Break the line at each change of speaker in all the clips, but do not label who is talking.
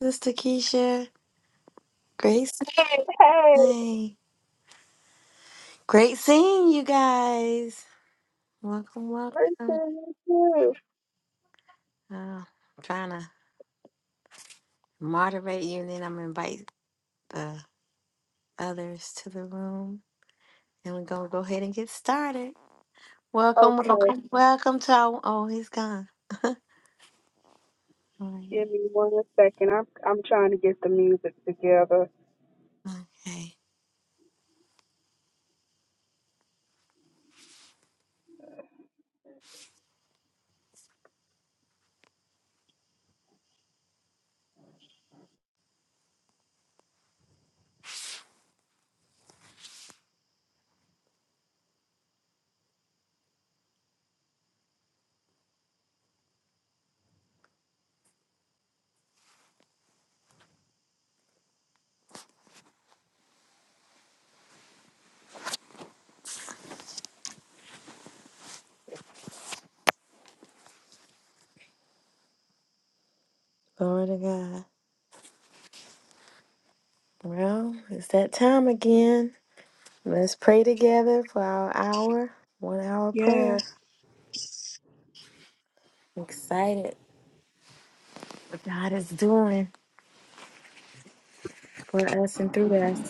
Sister Keisha, great, s-
Hey,
hey, great seeing you guys. Welcome, welcome.
listen to you.
Uh, I'm trying to moderate you, and then I'm gonna invite the others to the room, and we're gonna go ahead and get started. Welcome,
Okay,
welcome, welcome to our. Oh, he's gone. All right,
give me one second. I'm I'm trying to get the music together.
hey, glory to God. Well, it's that time again. Let's pray together for our hour, one hour
Yes.
prayer. I'm excited what God is doing for us and through us.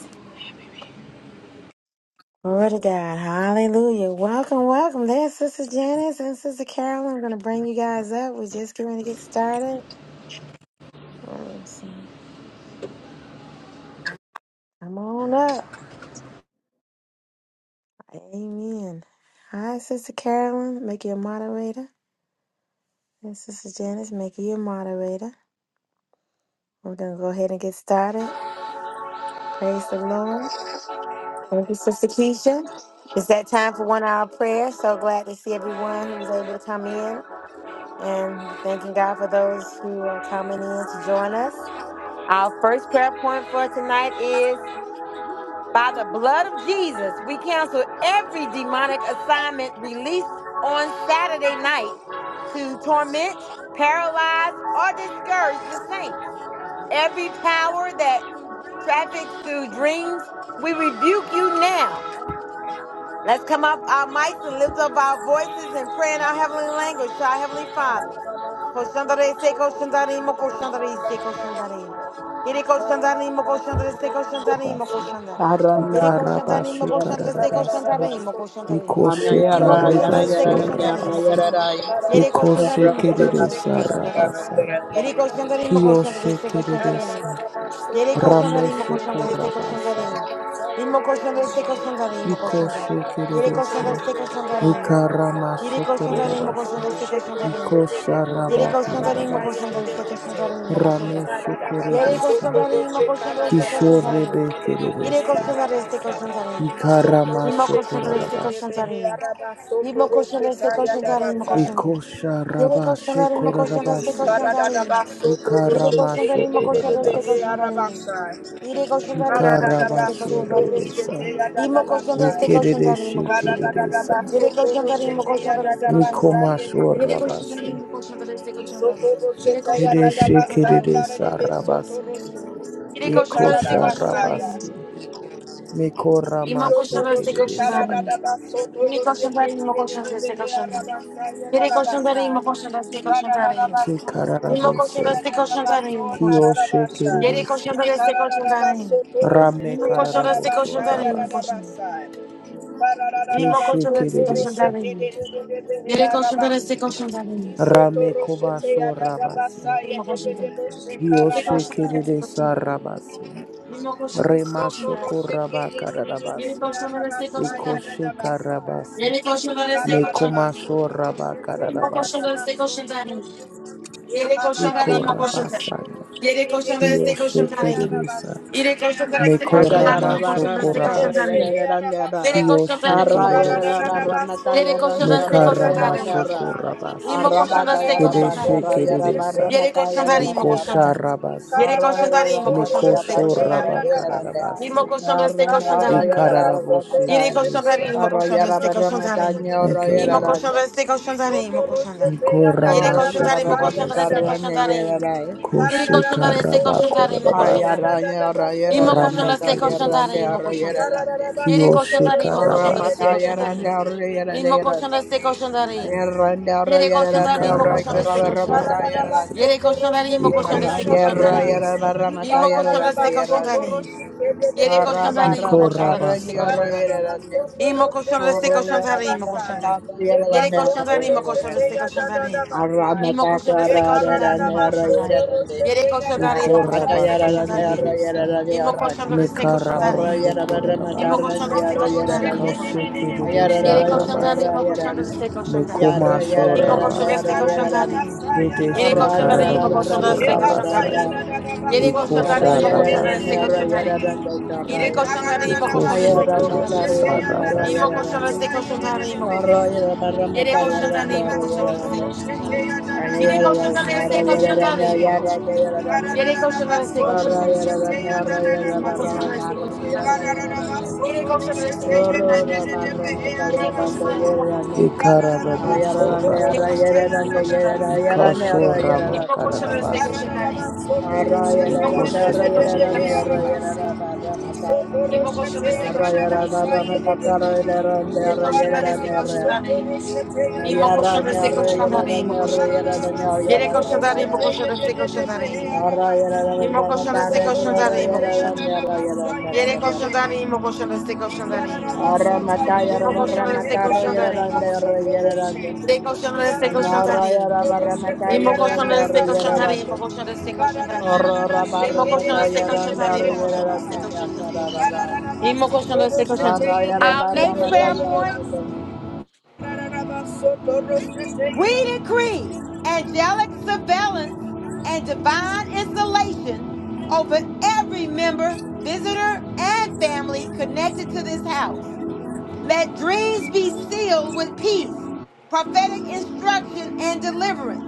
Glory to God. Hallelujah. Welcome, welcome. There's Sister Janice and Sister Carolyn. I'm going to bring you guys up. We're just getting ready to get started. Um, so Come on up. Amen. Hi, Sister Carolyn. Make you a moderator. And Sister Janice, make you a moderator. We're going to go ahead and get started. Praise the Lord. Thank you, Sister Keisha. It's that time for one hour prayer. So glad to see everyone who's able to come in. And we're thanking God for those who are coming in to join us. Our first prayer point for tonight is by the blood of Jesus, we cancel every demonic assignment released on Saturday night to torment, paralyze, or discourage the saints. Every power that traffics through dreams, we rebuke you now Let's come up our mics and lift up our voices and pray in our heavenly language to our heavenly Father. Koshandare se koshandare mo koshandare se koshandare. Yere koshandare mo koshandare se koshandare mo
Bas.
koshandare.
हरण
Yere
यारा
koshandare mo
हरण
Ikarabashe
यारा
koshandare se
हरण
kararabasa.
यारा
koshandare mo koshandare.
हरण
Ikoshe
Imo
यारा हरण
koshandare se
karebaso
यारा
koshandare mo
हरण
rabasa.
यारा
koshandare. Yere
Ikoshe
koshandare mo
हरण
koshandare se
kereresa
koshandare.
यारा
rabasa.
हरण
Yere
यारा
koshandare mo koshandare
Kiyoshe
se koshandare.
kereresa.
Yere koşanlar imo
Ramesho
koşanlar destek
korabasa.
koşanların. İmo koşanlar destek koşanların imo koşanlar.
Ikoshe
Yere
kererese.
koşanlar destek koşanların. Yere
Ikaramasho
koşanlar imo
korarabasa.
koşanlar destek
Thank
koşanların.
Ikosha
Yere koşanlar imo
rabakararabasa.
koşanlar destek koşanların imo koşanlar.
Ramesho
Yere
korebesa.
koşanlar imo koşanlar destek koşanların.
Kishorebe
Yere
kererese.
koşanlar destek koşanların. İmo
Ikaramasho
koşanlar destek
korarabasa.
koşanların. İmo koşanlar destek koşanların imo koşanlar.
Ikosha
Yere
rabashe
koşanlar imo koşanlar destek
korarabasi.
koşanların. Yere koşanlar
Ikaramasho
imo koşanlar destek
korarabasa.
koşanların. Yere koşanlar imo koşan destek
Ikarabasho
koşanlar imo.
rebesa.
İmo koşan destek koşanlar imo
Ikerereshe
koşanlar.
kereresa.
Yere koşanlar imo koşanlar destek koşanlar.
Mikomasho
Yere koşanlar
rabase.
you.
imo koşanlar destek koşanlar.
Socorro
Yere
Chetaya
koşanlar destek
Kereshe
koşanlar
Dadabasa,
imo
kereresa
koşanlar.
Narebe
rabase.
Sotoros,
Yere koşanlar destek
Ikosha
koşanlar
Ekarabasaya,
imo.
rabasi.
İmo
Mikoramashe
koşanlar
Sotoro
destek koşanlar
kereresa.
imo.
Shekaradaba,
Yere
Sotoro
koşanlar
Shekede
imo koşanlar destek
Behea
koşanlar.
Rabasaya
Yere koşanlar imo koşanlar destek koşanlar imo.
Rabasa,
İmo
Soto
koşanlar
Shekararabose.
destek
roshete
koşanlar imo koşanlar.
Kiyoshe
Yere
kererese.
koşanlar destek koşanlar imo.
Rame
İmo
ya da
koşanlar
da
destek
kararabosho
basa
koşanlar imo
rabasa.
koşanlar. İmo
Keshe
koşanlar destek
kererese.
koşanlar imo. मेरे question पर ऐसे question जा रहे हैं
Rame Kobaso Rabase.
मेरे question पर ये
Kiyoshe
question पर ऐसे क्वेश्चन
Kedesa
जा रहे हैं
Rabaso.
मेरे क्वेश्चन पर
Remashoko rabasi,
ऐसे क्वेश्चन जा रहे
ya da
हैं
Ekoshe
da basa.
Karabase.
मेरे क्वेश्चन पर ऐसे क्वेश्चन जा
Kararabas,
Mekomasho
soto
रहे हैं मेरे क्वेश्चन पर
Rabakarabasi.
ऐसे क्वेश्चन जा रहे हैं मेरे क्वेश्चन पर
Eko
ऐसे
Rabasaya.
क्वेश्चन
Kiyoshe
जा रहे हैं
Kedesa.
मेरे क्वेश्चन पर
Ay,
Meko
ये
arraña, arraña,
Ramashoko
क्वेश्चन जा रहे
Rabasi.
हैं मेरे क्वेश्चन पर ऐसे क्वेश्चन जा रहे हैं
arraña,
मेरे क्वेश्चन पर
Kiyoshe
ऐसे क्वेश्चन जा रहे
Kedese.
हैं मेरे क्वेश्चन पर ऐसे क्वेश्चन जा रहे हैं मेरे क्वेश्चन पर ऐसे क्वेश्चन जा रहे हैं
Mekaramashoko Rabasa.
मेरे क्वेश्चन पर ऐसे क्वेश्चन जा रहे हैं मेरे क्वेश्चन पर ऐसे क्वेश्चन जा रहे
Kedeshe
हैं
Kedesa.
Yere koşan darayım mı koşan
Ekosha
darayım.
Rabase.
Yere koşan darayım mı koşan darayım. Ste
Mikosho
Ikararabasotoroshete
koşan darayım.
yadadabasai.
İmo
rabakarabase.
koşan darayım. Ste koşan darayım.
Ikararaboshe
Yere koşan
Ikararabasotoroshete
kiresa.
darayım mı koşan
arraña,
darayım. Ste koşan darayım.
Thank you,
İmo
Lord.
koşan darayım. Ste koşan imo mı koşan darayım. Yere koşan
Nikoramashe
darayım mı koşan darayım. Ste
kiresa.
koşan darayım. Yere
Koshe
koşan darayım. Ste koşan darayım mı koşan
karabakorabase.
darayım.
arraña,
İmo
arraña,
koşan darayım.
Rame
Ste koşan
kirese.
imo mı koşan darayım.
arraña.
Yere koşan
Kiyoshe
darayım mı
ore
koşan darayım. Ste
रमता
karabaso.
koşan
यार
darayım.
अंदर ओर यार अंदर
İmo
यार
koşan
अंदर
darayım. Ste koşan
यार
darayım.
अंदर ओर यार अंदर ओर
Yere
यार
koşan
अंदर
darayım
ओर
mı koşan darayım.
इकराब
Ste
Ikarabasho
koşan
रमता यार
korabase.
अंदर
Yere koşan darayım mı
ना
Ste
रंग
Ikoshe
यार
koşan
रा यार बार
kiresa.
रमता
Imo
यार
colchão da
अंदर
seca,
यार
colchão da
yadadadabasa.
अंदर
areia. E ele
हारा
colchão da
बार
areia, imo colchão
रमता
da areia,
रंग
seca,
यार
colchão
Mikorabasaya.
ओर
da
यार
areia.
अंदर
Imo colchão da seca, colchão da areia, imo colchão da areia.
ओर यार
E ele colchão da
बार
areia, imo colchão da
रमता
seca, colchão da areia.
Yarra
Imo colchão da seca, colchão da areia, imo colchão da areia. E ele colchão da areia, imo colchão da seca,
Mikorabashe
colchão da areia.
Thank
kiresa.
Imo colchão da seca, colchão da areia.
Mikaramosho
Imo
korabase.
colchão da seca, colchão da areia, imo colchão
Ikoshe
da areia.
you.
E
kiresa
ele colchão da areia,
rabasaya.
imo colchão da seca, colchão da areia.
Mekomasho
Imo colchão
Soporoshe
da
rabase.
seca, colchão da
kararada
areia.
basaya da
E ele
da da
Kedeshi
colchão da
baso.
areia, imo colchão
kararaboso
da seca, colchão da
Ebasaya
areia.
da
rabasaya.
da da
Yere
baso
koşan
Ikosha
tanrıyım,
poroshe
o
te
koşan
de
tanrı,
de
size
de de
koşan
rabasiye.
tanrı.
behe.
Yere
E
koşan tane
kararada
imo
da
koşan
baso
Ikoshi
destek koşan tane
poroshe
imo.
te
kedesa
ya da da da
rabasa.
İmo
da
koşan destek
basaya
koşan
de de
tane
de
imo koşan.
behe.
Yere koşan
Kararada
tane
da
imo koşan
baso
destek koşan
poroshe
tane.
te ya da
Yarra
da da
Yere
da
koşan tane
basaya
destek
de de
koşan
de
tane
behe.
imo koşan. Yere
Kararada da
koşan tane destek
baso
koşan tane.
poroshe te ya da da da
İmo koşan
basaya.
destek koşan tane.
Kararada baso
Yere koşan tane
poroshe
destek
te
koşan
ye de
tane.
de de de behe
Yere koşan tane imo koşan.
arabasa.
Ikararaboso
Yere
rabasa.
koşan tane koşan tane.
Ikasho rama
İmo koşan destek koşan
kararabasa.
tane. İmo koşan
Ikoshi
destek koşan tane.
kedese.
İmo koşan destek koşan tane. Yere koşan tane koşan tane. İmo koşan destek koşan tane. imo koşan. Yere koşanlar imo koşan destek koşanlar in.
Arra, yara yara
Thank
İmo koşan destek
yara
koşanlar
yara
imo
yara
koşan.
yara yara yara
Yere
yara
koşanlar
you.
imo koşan destek
Thank
koşanlar in.
Arra mata yara
İmo koşan
yara
destek
yara
koşanlar imo koşan.
yara yara yara
Yere koşan destek koşanlar
Arra
in.
yara yara
İmo
yara
koşan destek
yara yara
koşanlar
yara
imo koşan destek koşanlar in.
Arra yara
İmo koşan
mata
destek
yara
koşanlar
yara yara
imo koşan
yara
destek koşanlar in.
yara
İmo koşan destek koşan.
Arra yara
Our
yara
next
mata
prayer point
yara
you.
We decree angelic surveillance and divine installation over every member, visitor, and family connected to this house. Let dreams be sealed with peace, prophetic instruction, and deliverance.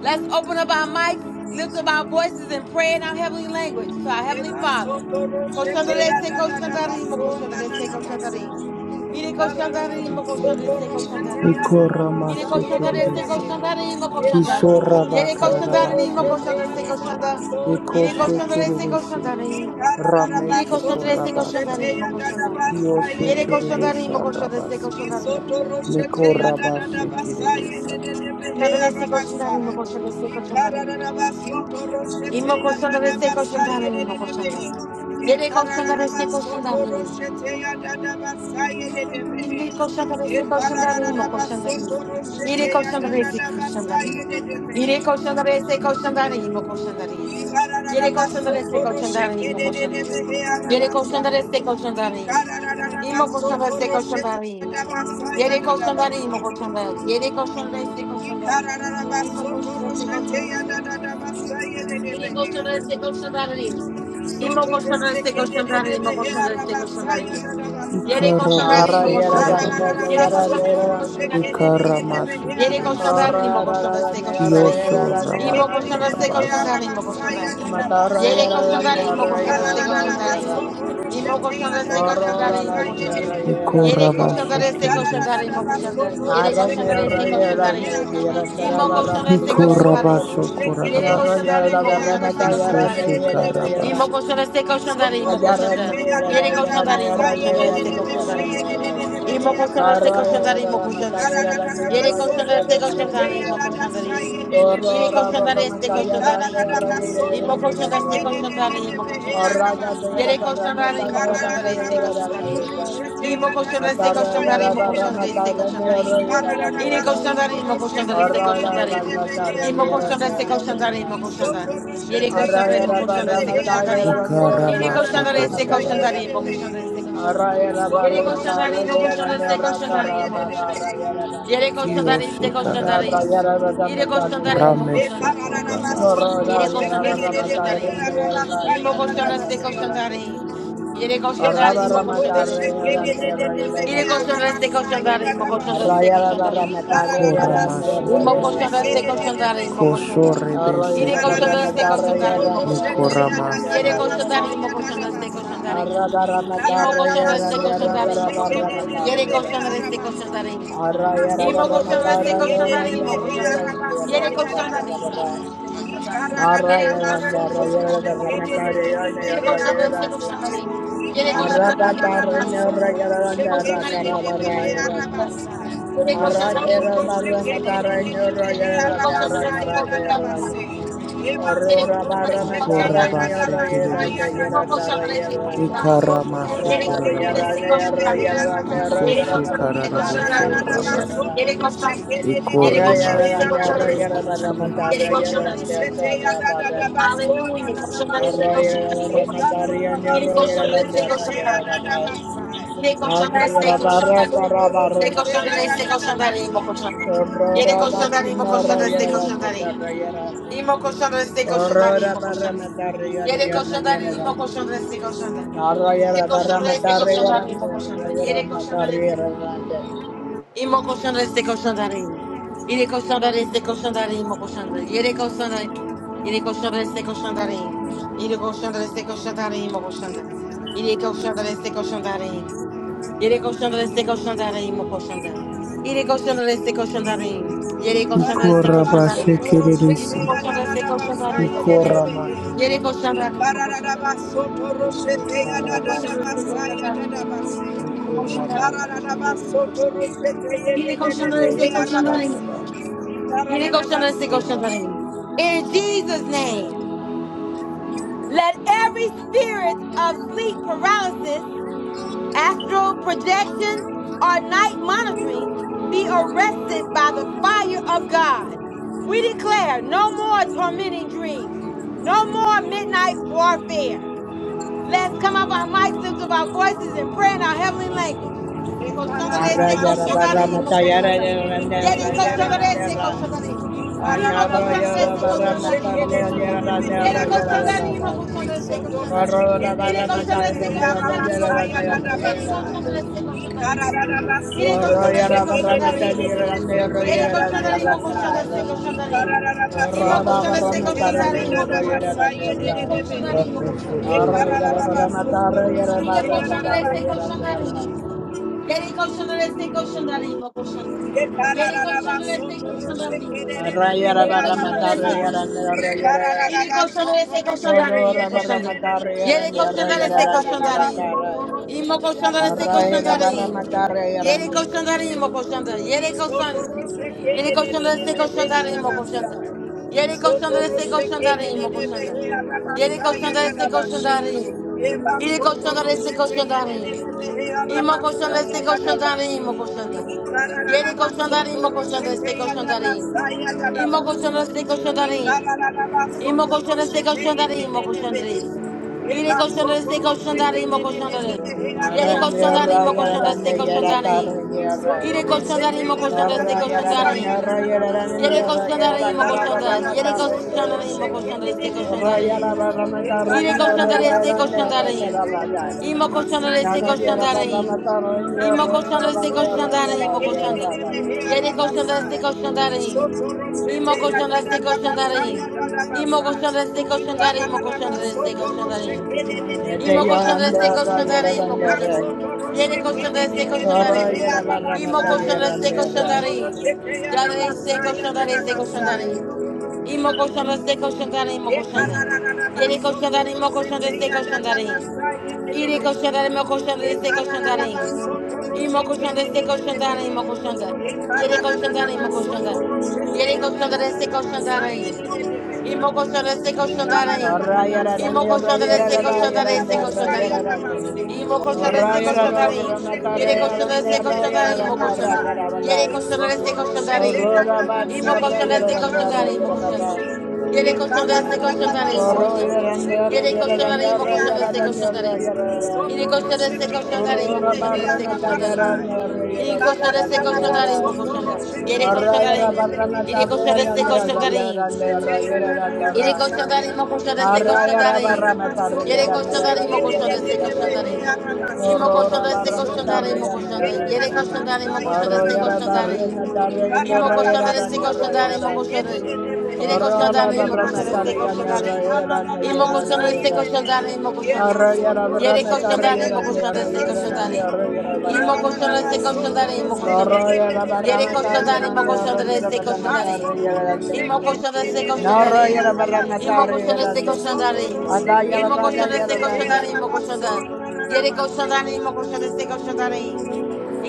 Let's open up our mics, lift up our voices, and pray in our heavenly language to our
Ye Karada
heavenly
baso
Father.
koro shete
Koshandarese, koshandarimo, koshandarese, koshandarim. Ire koshandarimo, koshandarese, koshandarim. Yere
Ikoramashe
koşanlar, destek
kedesa.
koşanlar, imo koşanlar.
Kisho raba
Yere koşanlar, imo
kararabaso
koşanlar, destek
rabasa.
koşanlar. Yere koşanlar, destek koşanlar, imo. Yere
Ramesho
koşanlar, destek
korabasa.
koşanlar, imo koşanlar.
ya ye
Kiyoshe
Yere
ye Thank
koşanlar,
you.
imo koşanlar,
kedesa
destek
Ye karara da da
koşanlar, imo.
basoto roshete
Mikorabashikiririsa.
Koşanlar, destek koşanlar, imo koşanlar, destek koşanlar, imo. İmo koşanlar, destek koşanlar, imo koşanlar. Yere koşanlar, destek koşanlar, imo.
ya da, da
İri koşan da resi koşan da rimo koşan da resi. İri koşan da resi koşan da rimo.
da
İri koşan da
Thank you.
resi koşan da rimo koşan da resi.
Ikara la la la
Yere koşan da
baso
resi
toro
koşan da
shekere
rimo
de
koşan da. Yere koşan da resi koşan da rimo. İmo koşan da resi koşan da rimo. Yere koşan İmo koşan da resi koşan da
de
İmo koşan da resi koşan Yere koşanlar
Arra
mı
yara
koşanlar?
yara yara
Ikaraboshokorarabasa.
Yere
yara yara
koşanlar mı koşanlar mı?
yara
Yere
de de he
koşanlar
Ikaramashikiririsa.
you.
mı
Arra yara
koşanlar mı
yara
koşanlar mı?
yara
Thank
İmo
yara
koşanlar mı
yara
Kiyoshorabakararabasa.
koşanlar
yara
mı koşanlar?
Matarra
Yere
yara dan
koşanlar mı
yara
koşanlar mı
yara dan
koşanlar mı?
yara.
İmo koşanlar mı
Oro
koşanlar mı
dan
koşanlar?
yara yara
Yere
dan yara
koşanlar
ka.
mı koşanlar
Ikorabashikiririsa.
mı koşanlar? Yere
Aran
koşanlar mı
yara
koşanlar
yara
mı?
dan yara kara
İmo
barra
koşanlar
mata
mı
yara
koşanlar
ne.
mı? Yere
Yara
Ikorabashokorarabasa.
koşanlar
yara dan
mı koşanlar mı
barra
koşanlar mı?
mata yara ne
koşanların?
yara dan yara.
İmo
Ikoshikarabasa.
koşanda se koşanda imo
Ayara
koşanda.
ne yara
Yere
dan yara
koşanda
ne
imo
yara
koşanda
yara
se
dan
koşanda
yara
imo.
yara dan.
İmo koşanda se
Hara
you.
koşanda
yara
imo
barra mata
koşanda.
yara dan
Yere
yara yara
koşanda
dan
se
yara
koşanda
yara
imo
dan.
koşanda imo. Yere
Oro
koşanda
barra
se
mata
koşanda
yara ne
imo.
yara yara
İmo
dan
koşanda se
yara.
koşanda imo koşanda.
Horraya te yara
Yere
barrama
koşanda
ta
imo
yara
koşanda
dande
se
yara
koşanda
dande
imo.
yara.
İmo koşanda se
Atarra
koşanda
Thank
yara
imo
barrama
koşanda
ta
you.
se
dande
koşanda
yara yara dande
Iri
yara.
koşanlar, imo koşanlar, este koşanlar,
Horraya
im.
barrama ta
İmo
yara
koşanlar,
dande
este
yara
koşanlar,
yara
imo
dande.
koşanlar. Iri
Horraya
koşanlar, imo
yara
koşanlar, este
barrama ta
koşanlar,
yara
im.
dande yara
Iri
yara
koşanlar,
barrama
este
ta yara
koşanlar,
Ikaramashikorarabasa.
dande.
imo koşanlar, este koşanlar.
Horraya yara
Iri
barrama ta
koşanlar, imo
yara
koşanlar,
dande
este
yara
koşanlar,
yara
imo koşanlar.
barrama yara dande.
Iri koşanlar, este koşanlar,
Horraya
im.
Kiyoshikararabasa.
yara barrama
Iri
ta yara dande. Horraya yara barrama ta yara dande yara
koşanlar, imo koşanlar.
Rameshokorabasa.
Iri koşanlar, este koşanlar, im.
yara
İmo
dande
koşanlar,
yara
este
yara
koşanlar,
dande.
im. Iri
Arra
koşanlar, imo koşanlar, este koşanlar. Iri koşanlar, este koşanlar, imo koşanlar, este koşanlar, Imo
Ikoramashikiririsa.
koşanda se koşanda
Thank
imo
you.
koşanda. Yere
Ikarada da da
koşanda
da
Koshorebesekirisa.
se
baso
koşanda imo
toro
koşanda. Yere
Mikoramasa.
koşanda imo koşanda se koşanda imo. Imo koşanda se koşanda imo
shekede
koşanda.
de
Yere koşanda se koşanda imo. Imo koşanda se koşanda imo koşanda. Yere koşanda imo koşanda se koşanda. Yere koşanda se koşanda imo koşanda. Yere koşanda se koşanda imo. Yere koşanda se koşanda Yere koşanda imo koşanda se koşanda.
de behe you.
Yere koşanda imo
Arrakera
koşanda
barra
se koşanda.
metarrein horro yeran
Hallelujah.
neurra karaga yerrande.
Ele
Horrora
colchando
barra metarrein
desse
Ikorabashe
horro yerande
kererese.
yeratarra
colchão
yerrande.
da areia.
Ikaramasho
Ele colchando
Arrabada
desse
yerrande
korarabasa.
colchão
yerro
da areia.
yerrande horro
Ele
kara
Ikoshe
colchando
barra
desse colchão
metarri
da
kararaboso
areia, meu
yerrande
colchão.
rabasa.
Ele
yerrande. Arra
colchão
Ikoremashe
yerrande
da
horro
areia,
yera barra
korarabosa.
meu
metarri yerrande kara barra me. Arra yera barra metarri yerro yerrande horro yera barra.
Thank you. Thank
Yera barra kara barra metarri yerrande. Torora bakina
colchão desse
royera dame
colchão
tarroyera dame.
Imo koşanda destek koşanda
Horrora
imo
barra
koşanda. Yere
matarroyera
koşanda
royera
imo
dame.
koşanda destek koşanda.
Narroyera
Yere
barra
koşanda destek koşanda
matarroyera
imo
dame.
koşanda.
Royera
Yere koşanda destek
matarroyera dame.
imo koşanda destek koşanda imo. Yere koşanda destek koşanda imo koşanda. Yere koşanda Yere koşanda destek koşanda imo. Yere koşanda destek koşanda imo koşanda. Yere koşanda destek koşanda imo. Yere koşanda destek koşandarayım, o koşanda. Yere koşanda destek koşandarayım. Yere koşanda destek
Ikorabashe
koşandarayım. İm
kererese.
koşanda destek koşandarayım, o koşanda.
Ikoramashe
Yere
korarabasa.
koşandarayım, o koşanda destek.
Koshe
O
karaba
koşanda destek
kererese.
koşandarayım. Yere koşandarayım, o
Ikoramashe
koşanda destek
kererese.
koşandarayım. Yere koşanda destek
Yoshe
koşandarayım, o
karabasa.
koşanda. Yere koşanda destek
you.
Remashe
koşandarayım. In Jesus' name, let every spirit of sleep paralysis astral projection, or night monitoring be arrested by the fire of God. We declare no more tormenting dreams, no more midnight warfare. Let's come up our mics, lift up our voices, and pray in our heavenly language.
Ye
Koshandare
Arroyera
koshandare
barra
imo
matarroyera
koshandare.
dame.
Yere
Royera
koshandare
dame ra.
koshandare imo. Imo koshandare
Añarroyera barra
imo koshandare.
matarroyera dame.
Yere
Royera
koshandare imo
barra.
koshandare koshandare.
Horrora
Ire
barra
koshandare
matarroyera dame.
koshandare imo
Royera dame.
koshandare. Yere
Royera dame.
koshandare koshandare Ire koshandare
Horrora barra
koshandare
matarroyera dame.
Yere
Royera dame.
koshandare imo koshandare
Royera barra.
koshandare imo.
Arra,
Imo koshandare imo koshandare. Yere koshandare imo koshandarese,
ramesho
koshandare. Yine
kararabas,
koşanlar destek koşanlar iyiyim. Yere koşanlar destek koşanlar iyiyim o koşan. Yere koşanlar destek koşanlar iyiyim. Yere koşanlar destek koşanlar iyiyim. Yine koşanlar destek koşanlar iyiyim o koşanlar. Yere koşanlar destek koşanlar iyiyim. İmo koşanlar destek koşanlar iyiyim.
Thank
Yere
you.
koşanlar iyiyim o koşanlar. Yere koşan,
Isotoroshe
yere koşanlar destek
kedededebe
koşanlar iyiyim o
arabasa.
koşanlar. Yere koşanlar destek
Isotoroshe
koşanlar iyiyim o
kedededebe
koşanlar. Yere
arabasa
koşanlar destek
yagadabashi.
koşanlar iyiyim.
Eba
Yere koşanlar
sotoroshe
destek koşanlar iyiyim.
teyededebe
Imo
arabasa
koshanda este koshanda re
yagadabashi.
imo koshanda. Yere
Ikarararaba
koshanda re imo
sotoroshe
koshanda este koshanda re.
teyadabasa
Imo
yagadabasa.
koshanda este koshanda re.
Ikarararaba
Imo koshanda
sotoroshe
este koshanda re imo koshanda
teyededebe.
re. Ire
Eba
koshanda este
sotoroshe
koshanda re imo koshanda re.
kedededebe
Yere
arabasa
koshanda re imo koshanda este
yagadabasi.
koshanda re. Ire koshanda re imo koshanda este koshanda re. Yere koshanda re imo koshanda. Yere koshanda re imo koshanda este
Aurora,
koshanda re. Ire koşanlara destek koşanlarayım. İmo koşanlara destek koşanlarayım. İmo koşanlara destek koşanlarayım. İmo koşandan. Yere koşanlara destek koşanlarayım. İmo koşanlara destek koşanlarayım. İmo
Thank
koşanlara
you.
destek koşanlarayım. İmo koşanlara destek koşanlarayım. Imo koşanda destek koşandarayım, imo koşanda. Yere koşanda destek koşandarayım. İmo koşanda destek koşandarayım. Yara destek koşanda destek
Thank you.
koşandarayım. İmo koşanda destek koşandarayım, imo
Thank
koşanda. Yere koşanda imo koşanda destek koşandarayım. İre koşanda imo koşanda destek koşandarayım. İmo koşanda destek koşandarayım, imo koşanda. Yere koşanda imo koşanda. Yere koşanda destek koşandarayım. Imo colchão da seca, colchão da areia. Imo colchão da seca, colchão da areia, seca, colchão da areia. Imo colchão da seca, colchão da areia. Yere colchão da seca, colchão da areia, imo colchão da. Yere colchão da seca, colchão da areia. Imo colchão da seca, colchão da areia, imo colchão da.
you.
Yere colchão da seca, colchão da areia, imo
Oro
colchão da.
yarande oro
Yere colchão da
yarande
areia, imo
oro
colchão da seca,
yarande
colchão da
oro
areia. Yere
yarande
colchão da seca, colchão da areia,
oro
imo
oro
colchão da
barra
seca,
mata
colchão da areia.
yarande oro
Yere
yarande
colchão da seca,
yarande
colchão da areia, imo
yarande
colchão da. Yere colchão
oro
da
yara
areia.
barra mata
Yere colchão da seca,
yarande
colchão
oro
da areia.
yarande
Thank you.
oro yarande
Yere
oro
koşandarin mo koşandarese
barra yara barra
koşandarin.
mata
Yere
yarande
koşandarin
oro
mo
yarande
koşandarese
yarande
koşandarin. İmo
oro oro
koşandarese
barra mata
koşandarin mo koşandar. Yere
yarande oro
koşandarin mo
oro
koşandarese
yara barra
koşandarin.
mata yarande
İmo
oro
koşandarese
yarande oro
koşandarin mo
yarande
koşandarin. Yere
oro oro
koşandarin mo
barra mata
koşandarese
yarande oro
koşandarin.
yarande
İmo koşandarese
yarande
koşandarin mo koşandar.
Arroyera
Yere
barrameta,
koşandarin mo
arroyera ni,
koşandarese
arroyera ni,
koşandarin.
arroyera
İmo
barrameta.
koşandarese koşandarin mo koşandar.
Corroyera
Yere
Thank
barrameta,
you.
koşandarin,
arroyera
mo
ni,
koşandarin,
arroyera
destek
barrameta,
Thank
koşandarin.
arroyera ni.
İmo koşandarin, destek
No arroyera
koşandarin.
barrameta,
İmo koşandarin,
arroyera
destek
ni.
koşandarin.
Adayera
İmo koşandarin,
badayera
destek
ni.
koşandarin, imo koşandarin. Yere koşandarin, imo
you.
koşandarin, destek koşandarin.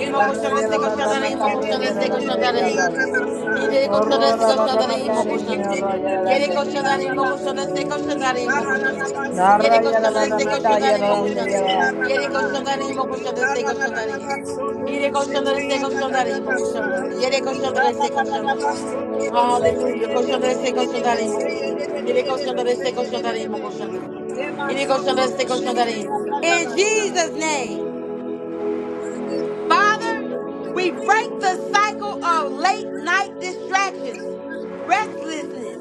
No
koşandarin,
arroyera
destek
soto roche
koşandarin, imo
barrameta,
kede de
koşandarin,
de
destek
arroyera
de
ni,
behe
koşandarin.
yaday.
arabasa.
Yere koşanlar, se
Horrora
Isoto
koşanlar,
barrameta,
imo
roche
arroyera ni,
koşanlar.
kede de de
arroyera
Yere
ni.
de behe
koşanlar, imo
arabasi.
koşanlar, se koşanlar, imo koşanlar.
Ikararaba
No
soto
Yere
arroyera
roche
koşanlar, se
kede
barrameta,
de
koşanlar,
de
imo
arroyera
de
ni,
koşanlar.
behe
yaday.
Yere
arabaha.
koşanlar, imo koşanlar, se koşanlar,
Ikararaba
imo.
soto
Yere koşanlar, se koşanlar, imo koşanlar. Yere koşanlar, se koşanlar.
soto roche
Hallelujah.
de de
Koşanlar, se
de de de
koşanlar, imo
bese ye
koşanlar.
de de
Yere
de de de
koşanlar, se
de de
koşanlar,
de
imo koşanlar.
behe. Ema
Yere koşanlar, se koşanlar, imo. In Jesus' name. Father, we break the cycle of late night distractions, restlessness,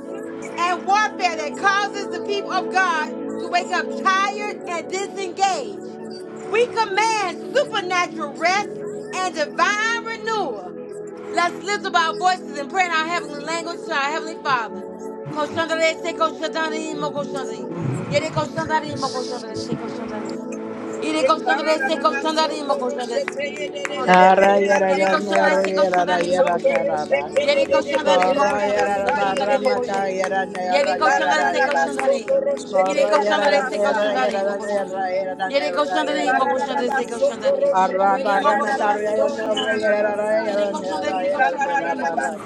and warfare that causes the people of God to wake up tired and disengaged. We command supernatural rest and divine renewal Let's lift up our voices and pray in our heavenly language to our heavenly Father. Koshandare se koshandari mo koshandari. Yere koshandari mo koshandare se koshandari. Yere koshandare se koshandari mo koshandare se. Glory to God. Yere
Arroyera ni,
koshandare se
arroyera,
koshandari mo
arroyera,
koshandari.
caraba.
Yere koshandari mo
Horror,
koshandare se
yara, barra,
koshandari mo
mata,
koshandari.
yara,
Yere
yara,
koshandare
yara,
se
yara.
koshandari.
Ikararabasotoroshete
Yere
Horror, yara, yara,
koshandare se
yara,
yararabasai.
koshandari mo
yara,
koshandari.
yara, yara,
Yere
yara,
Thank
koshandari mo
yara.
koshandare se koshandari. Imo koshandare se koshandari. Yere koşanda destek koşanda arayayım mı koşanda.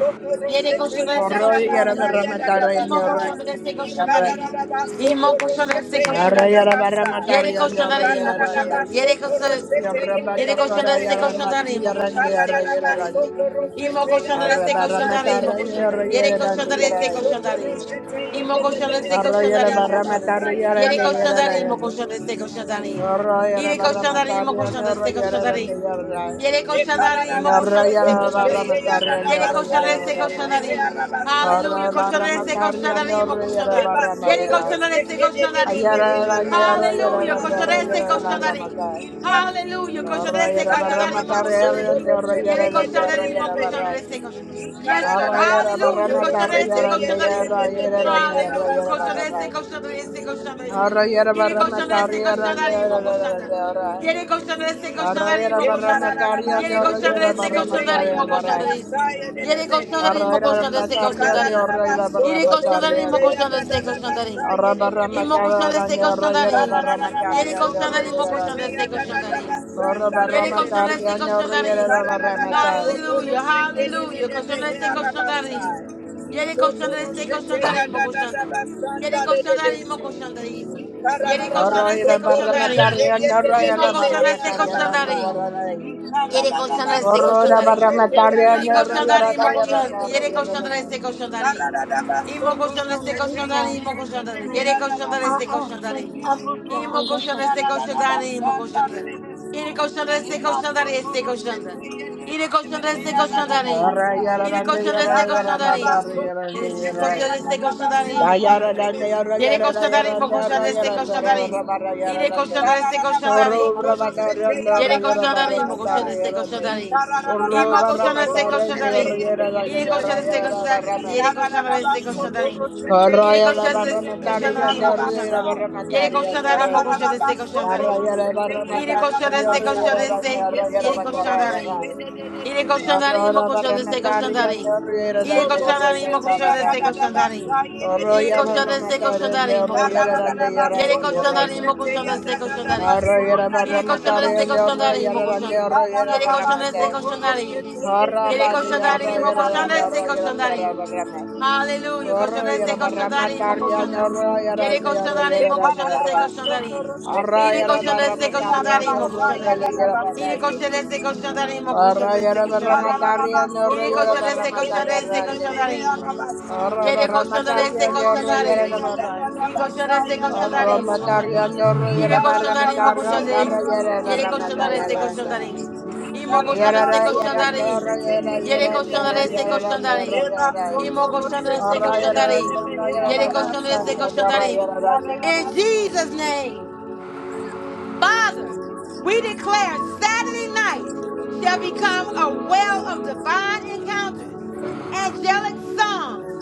Yere koşanda destek koşanda arayayım. İmo koşanda destek koşanda arayayım. İmo koşanda destek koşanda arayayım. Yere koşanda arayayım imo koşanda. Yere koşanda. Yere koşanda destek koşanda imo koşanda destek koşanda imo. İmo koşanda
Arra
destek
barra
koşanda imo koşanda. Yere koşanda destek
matarra,
koşanda imo. İmo koşanda destek koşanda
Arroyera
imo
barra
koşanda.
matar yera
Yere
ne
koşanda imo
you.
koşanda destek koşanda imo.
Arroyera
Yere
barra
koşanda
matar
imo
yera ne
koşanda destek koşanda
arroyera ne
imo.
yera la.
Yere
Ye
koşanda imo
kararabaso
koşanda destek
arroyera
koşanda
barra
imo.
toroshete ya
Yere
rabasa
koşanda
arroyera
ye
destek
de
barra
de
ma.
koşanda
behe
imo.
arabasa.
Hallelujah.
Arra
Koşanda
barra
destek
matar
koşanda imo
arroyera
Ye
koşanda.
barra
baso
Yere koşanda destek
toroshete de de
koşanda
de
imo.
behe
Ayera la ne
arabaso
arroyera
Hallelujah.
la
Koşanda destek
arroyera
nararabasa.
koşanda
barra
imo.
matar.
Hallelujah.
Ye
Koshandarese,
Arroyera barra
koshandarimo,
matar
kararabaso
yera
koshandaris.
ne
toroshete
Yere
arroyera la
Ye de de de
koshandarimo,
arroyera
behe.
barra.
koshandarese, koshan-
ye
Yes, Lord.
Arroyera
kararabaso
barra
Hallelujah.
matar
toroshete
Koshandarese,
yera ne
koshandarim.
yera
Ye
Hallelujah.
rabasa.
Koshandarese,
barra.
koshandarese, koshandarim.
Narayara
Yere koshandarese,
Brahmachari
koshandarimo, koshanda.
Narayara
Yere koshandarese,
Narayara
koshandarimo, koshanda.
Brahmachari
Yere
Narayara
koshandarese,
Ikararabasotoroshete
Brahmachari
koshandarimo,
Varani
koshandaris. Yere koshandarimo,
Narayara
koshandarese,
Brahmachari
koshandarim.
Narayara
Yere
Brahmachari
koshandarimo,
Narayara
koshandarese, koshandarim. Imo
Brahmachari
colchão desse colchão
Narayara
darim.
Brahmachari
Ele
Narayara Brahmachari
colchão darim, imo
Narayara
colchão desse colchão darim. Ele colchão
Brahmachari
yadadadabasayedebese.
desse colchão darim.
Narayara Brahmachari Narayara Brahmachari
Hallelujah, hallelujah. Colchão desse colchão darim. Ele colchão desse colchão darim, imo colchão darim. Ele colchão darim, imo colchão darim. Ele colchão
Narayara
desse colchão darim.
Brahmachari
Imo colchão desse colchão darim. Yere koşanlar iste
Narayara
koşanların. Yere koşanların imo koşan.
Thank
Yere koşanlar
you.
Brahmachari
iste koşanların. İmo koşanlar iste koşanların imo koşanların. Yere koşanlar iste koşanların. İmo koşanlar iste koşanların imo koşanlar. Yere koşanlar iste koşanların iste koşanlar. Yere koşanlar iste koşanların.
Yara yara
Yere
rande
koşanlar iste
yara yara
koşanların.
madari yara rande
Yere
yara.
koşanlar iste koşanların
Da
imo
yara
koşanlar.
Thank
rande yara
you.
Yere
yara da
koşanlar
yara rande
imo
yara
koşanlar iste
yara kara yara
koşanların.
bara yara
Yere
rande.
koşanlar iste koşanların
Oro
imo
ubra
koşanlar.
madari rande oro
Yere
yara bara
koşanların mı koşan
madari
destek
yara rande.
koşanların.
Oro
İmo
bara
koşan destek
madari rande oro
koşanların.
yara da yara
Yere koşan
yara
destek
yara
koşan
bara ma.
yere koşan destek koşanların.
Kara
Yere
yara
koşan
bara
destek
madari rande
koşanların mı
oro yara
koşanların.
bara
Yere
madari rande
koşanların mı
oro.
koşan destek
Yara
koşanların.
yara bara
Iri
madari rande
koşarese
oro yara rande
koşarese
oro yara
yeri
bakara bara.
koşandarim. Iri
Yes,
Horror,
koşandarim o
Arra, yara barra
koşarese
mata, arra,
koşandarim.
yara,
Iri koşandarim o
Isotoroshete ya da
koşarese
da da
koşandarim.
basa ye de de
Iri
de
koşarese koşandarim o koşanda. Yeri koşandarim o koşarese koşandarim. Iri koşarese koşandarim o koşanda. Yeri koşarese koşandarim.
de de
Yere
de de
koşandarim, o
he ara
koşanda ise koşandarim. Hallelujah. Koşanda ise koşandarim, o koşanda. Yere koşandarim, o koşanda ise koşandarim. İri koşanda ise koşandarim, o
ya
koşandarim.
da da
İri
basa.
koşanda ise koşandarim, o koşanda ise
Thank
koşandarim. İri
yara
koşanda
barra
ise
mata,
koşanda
yara,
ise
ande.
koşandarim.
Horror de
Yere koşanlara se
ramatario, ñorro y era de
koşanlarım.
marrán.
İyi koşanlara se
Horror
koşanlarım o
matario,
koşanlarım.
ñorro y era
İyi
barra
koşanlarım o
matario,
koşanlarım.
tarra y era
Yere
barra mata y
koşanlara se
era grande.
koşanlarım. İmo
Y
koşanlara
era
se
rey, y era ñorro
koşanlarım.
y era y
Yere
era ñorro
koşanlara
y
se
era grande, ñorro y
koşanlarım.
era rey.
İmo koşanlara se
Horror y era
koşanlarım.
ñorro y era
Yere
barra
koşanlara se
matario, ñorro y
koşanlarım.
era grande.
In Jesus name. Father, we declare Saturday night shall become a well of divine encounters, angelic songs,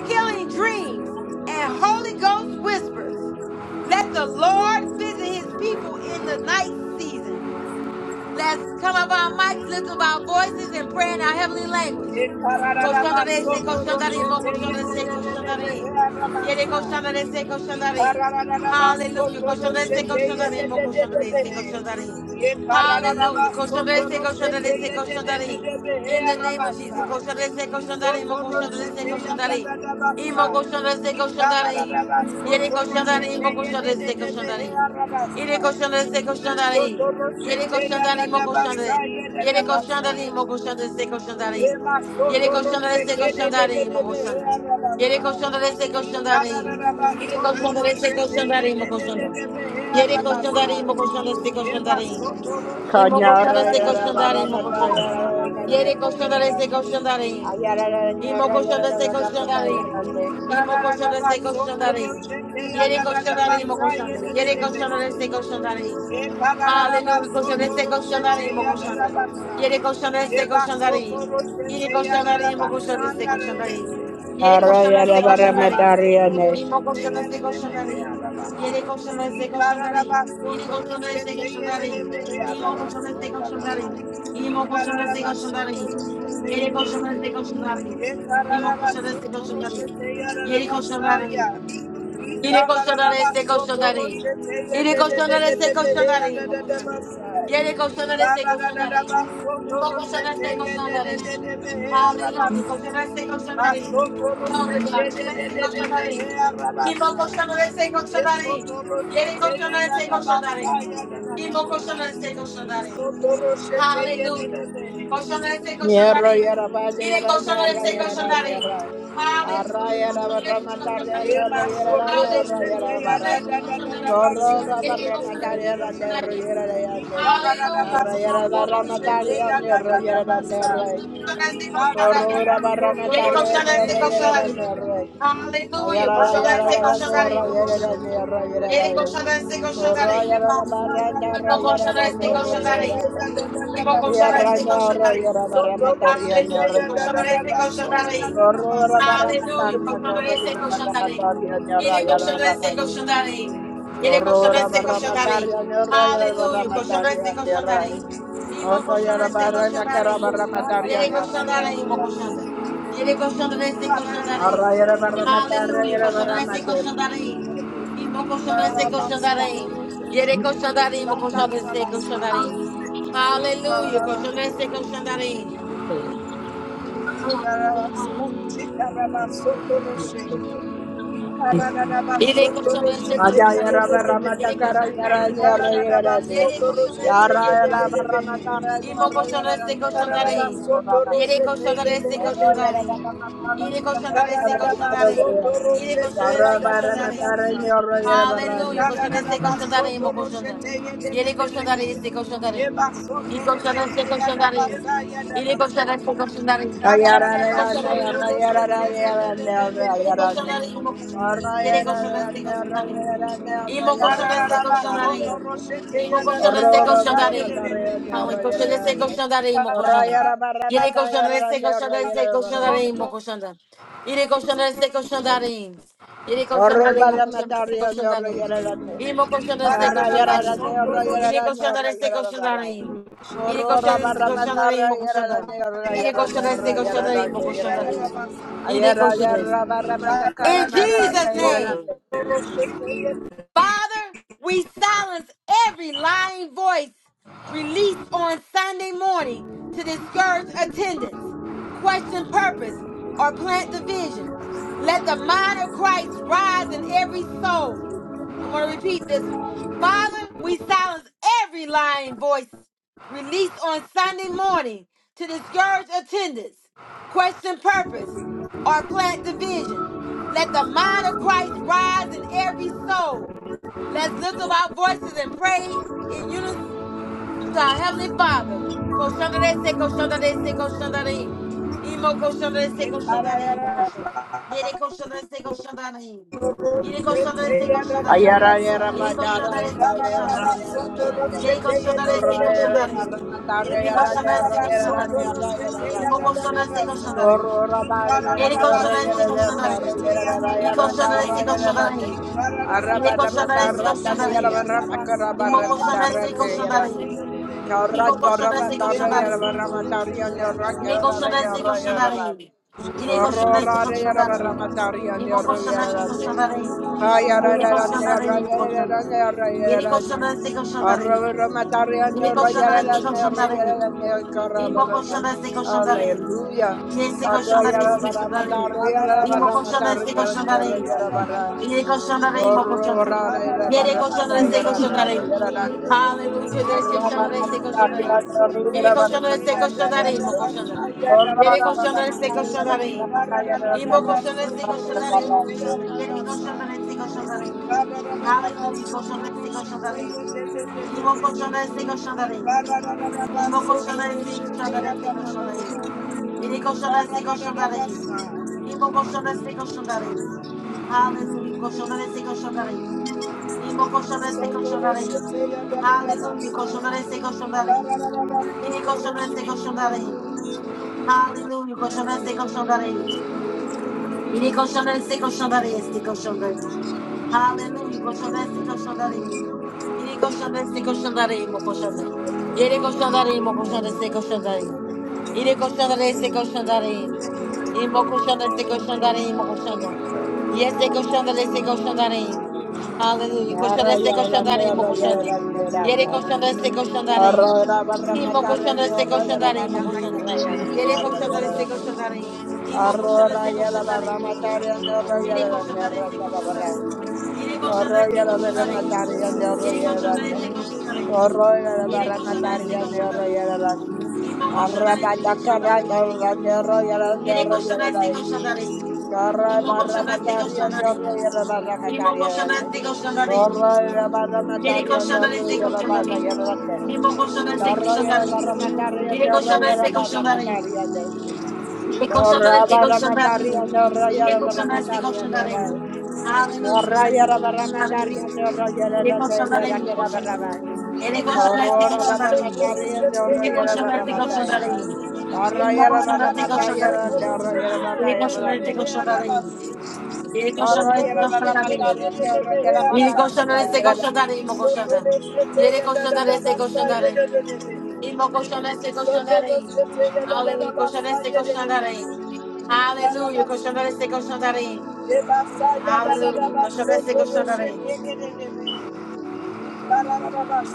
healing dreams, and Holy Ghost whispers. Let the Lord visit his people in the night season Let's come up our mics, lift up our voices, and pray in our heavenly language. Koshandarese, koshandarim, mo koshandarese, koshandarim. Yere
you.
koshandarese,
Ye
koshandarim. Hallelujah. Koshandarese, koshandarim, mo koshandarese, koshandarim. Hallelujah. Koshandarese, koshandarese, koshandarim. In the name of Jesus. Koshandarese, koshandarim, mo koshandarese, koshandarim. Imo koshandarese, koshandarim. Yere koshandarim, mo koshandarese, koshandarim. Ire koshandarese, koshandarim. Yere koşandarin mo koşandarin. Yere koşandarin mo koşandarin se koşandarin.
ma
Yere
soto
koşandarin
roche
se
kede de de
koşandarin
de
mo
de be he
koşandarin. Yere
arabasa.
koşandarin se koşandarin.
Eba
Yere
soto
koşandarin se
roshete
koşandarin mo koşandarin. Yere koşandarin mo koşandarin se koşandarin. İmo koşandarin
Coñorro y
se
era barra
koşandarin mo
mata y
koşandarin.
era grande,
Yere
ñorro y
koşanda
era
rese
grande.
koşandarin.
Ay, era
İmo
ñorro y
koşanda
era
rese
barra mata y era
koşandarin.
grande.
İmo koşanda rese koşandarin.
ya
Yere
da da
koşandarin imo koşanda. Yere koşanda rese koşandarin. Hallelujah. Koşanda rese koşandarin imo koşanda. Yere koşanda rese koşandarin. Yere koşandarin imo koşanda rese
basanda
koşandarin.
rebese.
Yere
Horror y
koşanda
era
rese
Ikara da da
barra
da
koşandarin.
baso toro
matario,
İmo
shete
koşanda
ye
rese koşandarin. Yere koşanda rese koşandarin. Yere koşanda rese
de
koşandarin. İmo koşanda rese koşandarin. Imo koşan destek koşanların. Yeri koşan destek koşanların. İmo koşan destek koşanların. Yeri koşanların. Yeri koşanların destek koşanların. Yeri koşanların destek koşanların. İmo koşanların. Yeri koşanların destek koşanların. İmo koşan destek
de de
koşanların.
de behe
Hallelujah.
arabasi.
Koşan destek koşanların.
Thank
Glory to God. Koşan destek koşanların. İmo koşan destek koşanların. Yeri koşan destek koşanların. İmo koşan destek koşanların. Hallelujah. Koshandarese,
Nierro y
koshandarin.
arabaya y
Ire
arayarra y
koshandarese, koshandarin.
arayarra.
Hallelujah.
Arraya Arraya la barra
Koshandarese,
mataria,
koshandarin.
nierro y arara, nierro y
Hallelujah.
arabaraña.
Koshandarese, koshandarin.
Corro la
Ire
barra
koshandarese,
mataria, la nierro y
koshandarin.
arayarra.
Hallelujah.
Narra y
Koshandarese,
arabara
koshandarin.
mataria, nierro y arara, nierro. Corro la barra
Ire
mataria,
koshandarese,
nierro y arara,
koshandarin.
nierro.
Hallelujah.
Ayarara y
Koshandarese,
arara, nierro y
koshandarin.
arara, nierro y arara.
Ire
you.
koshandarese,
Corro y
koshandarin.
arara, barra,
Imo
nierro y arara,
koshandarese,
nierro y
koshandarin.
arara.
Imo
Corro, barra
koshandarese, koshandarin.
mataria, neorro
Aleluya,
y la
koshandarese, koshandarin.
barra
Aleluya,
mataria,
koshandarese, koshandarin.
neorro y
Ire
la
koshandarese,
barra
koshandarin. Ire
corro la
koshandarese,
barra
koshandarin.
mataria, neorro y la barra
Aleluya,
mataria,
koshandarese,
neorro.
koshandarin.
No
Imo
estoy a la
koshandarese,
barra, me cara
koshandarin.
barra mataria,
Yere
neorro y la
koshandarin, imo
barra.
koshanda. Yere koshandarese, koshandarin.
Arra y la barra mataria
Aleluya,
y la barra
koshandarese, koshandarin. Imo koshandarese, koshandarin. Yere koshandarin, imo koshandarese, koshandarin. Aleluya, koshandarese, koshandarin.
Thank you.
mate.
Karada baso
Yere koşan
toro
da destek
shete
olsun da
Adaya
ye
Rama
neyse.
Ramata
Yere koşan
Karanya
da neyse imo
ranya
koşan da.
Raya ranya
Yere koşan da destek olsun
Yara
da
Rama
neyse.
Ramata ranya
İmo koşan
Raya
da destek
ranya
olsun da
Raya
neyse.
Rama Raya
Yere koşan da destek olsun da neyse.
Rama
Yere koşan da destek olsun da neyse. Yere koşan da
Yara
destek olsun da
Ramata
neyse.
ranya Raya
Hallelujah.
ranya.
Koşan da imo koşan Yere koşan da destek olsun da Y koşan da destek olsun Yere koşan da destek
Yara Ranya Raya Ranya Raya
de
Ranya
de de.
Yere
Raya Ranya
koşanların imo koşanları. Yere koşanların se koşanların.
Raya Ranya
İmo
Raya Rama
koşanların se
Ramata
koşanların.
Ranya
İmo koşanların se
Ororo
koşanların.
bromatare ne
Ama koşanların se
oroyerane.
koşanların imo koşanların.
Orayara
Yere koşanların
baramatare
se
ne
koşanların se koşanların
oroyerane.
imo koşanların. Yere koşanların se koşanların. Yere
Orro
koşanların imo koşanların se
baramatare ne
koşanların.
oroyerane.
İmo koşanların se
Harayara
koşanların.
ne
Yere
oroyerane
koşanların se
oroyerane.
koşanların. Yere
Corora
koşanların se koşanların
barramatara
imo
yera ne
koşanların.
yera
Yere
yera ne
koşanların se
yera yera
koşanların imo
ne yera.
koşanların. Yere
Ayera
koşanların.
yera barramata karra
In
barramata
Jesus'
yera
name. Father, we silence every lying voice released on Sunday morning to discourage attendance, question purpose, or plant division. Let the mind of Christ rise in every soul. I'm going to repeat this one. Father, we silence every lying voice released on Sunday morning to discourage attendance, question purpose, or plant division. Let the mind of Christ rise in every soul. Let's lift up our voices and pray in unison to our Heavenly Father. Koshandarese, koshandarese, koshandarin. Imo koshandarese, koshandarin, imo
Thank
koshandarin. Yere koshandarese, koshandarin. Yere koshandarese, koshandarin.
Ayara yara
Yere
madara
koshandarese,
yara yara
koshandarin.
yara yara ne.
Yere koshandarese,
Ora yara
koshandarin.
yara madara
Yere
yara ne ora
koshandarese,
yara yara ne
koshandarin.
ora yara
Imo
yara ne.
koshandarese,
Hallelujah.
koshandarin. Yere koshandarese, koshandarin. Yere koshandarese,
you.
koshandarin.
Thank
Yere koshandarese, koshandarin. Imo koşanası koşanlarıyım. İmo koşanası koşanlarıyım. İle koşanası koşanlarıyım. İle koşanası koşanlarıyım. İmo koşanası koşanlarıyım. İle koşanlarıyım imo koşanlarıyım. İle koşanası koşanlarıyım. İle koşanası koşanlarıyım. İmo koşanası koşanlarıyım.
Horror,
Yesi koşanlarıyım koşanlarıyım. İmo koşanası koşanlarıyım. İle koşanlarıyım imo koşanlarıyım. Yere koşanları Hallelujah! de ese shono de ese cochonarín. Y de cochono de ese cochonarín, mo cochona. Y de cochono say, ese cochonarín. Y mo cochono de ese cochonarín, mo cochona. Y de cochono de
you.
ese cochonarín. Aleluya, cochono de ese cochonarín. Y mo cochono de ese cochonarín. Y mo cochono de ese cochonarín, ese cochonarín. Y de cochono de ese cochonarín. Y mo cochono de ese cochonarín. Aleluya, cochono de ese cochonarín. Y mo cochono de ese cochonarín. Il est cochon de ses cochons d'arrivée. Alléluia, cochon de ses cochons d'arrivée. Il est cochon de ses cochons d'arrivée, ses cochons d'arrivée. Aleluia. Coxandesse, coxandarim. Iri coxandesse, coxandarim, coxanda. Iri coxandarim, coxandesse, coxandarim. Iri coxandesse, coxandarim. Imo coxandesse, coxandarim, coxanda. Yese coxandesse, coxandarim. Aleluia. Coxandesse, coxandarim, coxanda. Iri coxandesse, coxandarim. Imo coxandesse, coxandarim, coxanda. Iri coxandesse, coxandarim. Imo
Arrora
coxandesse,
yara barra
coxandarim, coxanda.
matari andorra
Iri
yara andorra
coxandesse,
yara
coxandarim.
barra.
Yere
Arro
koşanlarese
yara barra
koşanlarayım.
matari andorra
Yere
yara andorra.
koşanlarese koşanlarayım.
Arro yara
Yere
barra matari
koşanlarese
andorra yara
koşanlarayım.
andorra.
İmo
Arra
koşanlarese
bata carra
koşanlarayım.
carra andorra yara
Yere
andorra yara
koşanlarese
andorra.
koşanlarayım.
Carra
İmo
barra
koşanlarese
matari andorra
koşanlarayım.
yara barra
İmo
matari yara andorra.
koşanlarese koşanlarayım.
Arro yara barra
Yere
matari andorra
koşanlarese
yara barra
koşanlarayım.
yara andorra.
İmo koşanlarese
Arro yara
koşanlarayım.
barra matari
Yere
andorra yara
koşanlarese
barra
koşanlarayım.
matari andorra.
Yere
Torra
koşanlarese
barra matarria
koşanlarayım.
no
Yere
raya barra
koşanlarese
matarria no
koşanlarayım.
raya.
Hallelujah.
Torraya barra matarria no raya
Yere
la no yera
koşanlarayım.
kera barra bai.
Ele cochonda, se
Torra barra
cochondarim.
matarria no
Ele
raya
cochonda,
barra
se
matai.
cochondarim. Ele
Torraya
cochonda,
barra
se
matarria
cochondarim.
no raya barra
Ele
yera
cochonda, se
grande.
Thank
cochondarim.
you.
Ele
Thank
cochonda, se
yara barra
cochondarim.
matarria no raya
Ele
barra no
cochonda, se
raya grande.
cochondarim, mo cochonda. Ele cochonda, se cochondarim. Ele cochonda, se cochondarim. Aleluia, cochonda, se cochondarim. Aleluia, cochonda, se cochondarim. Aleluia, cochonda, se cochondarim.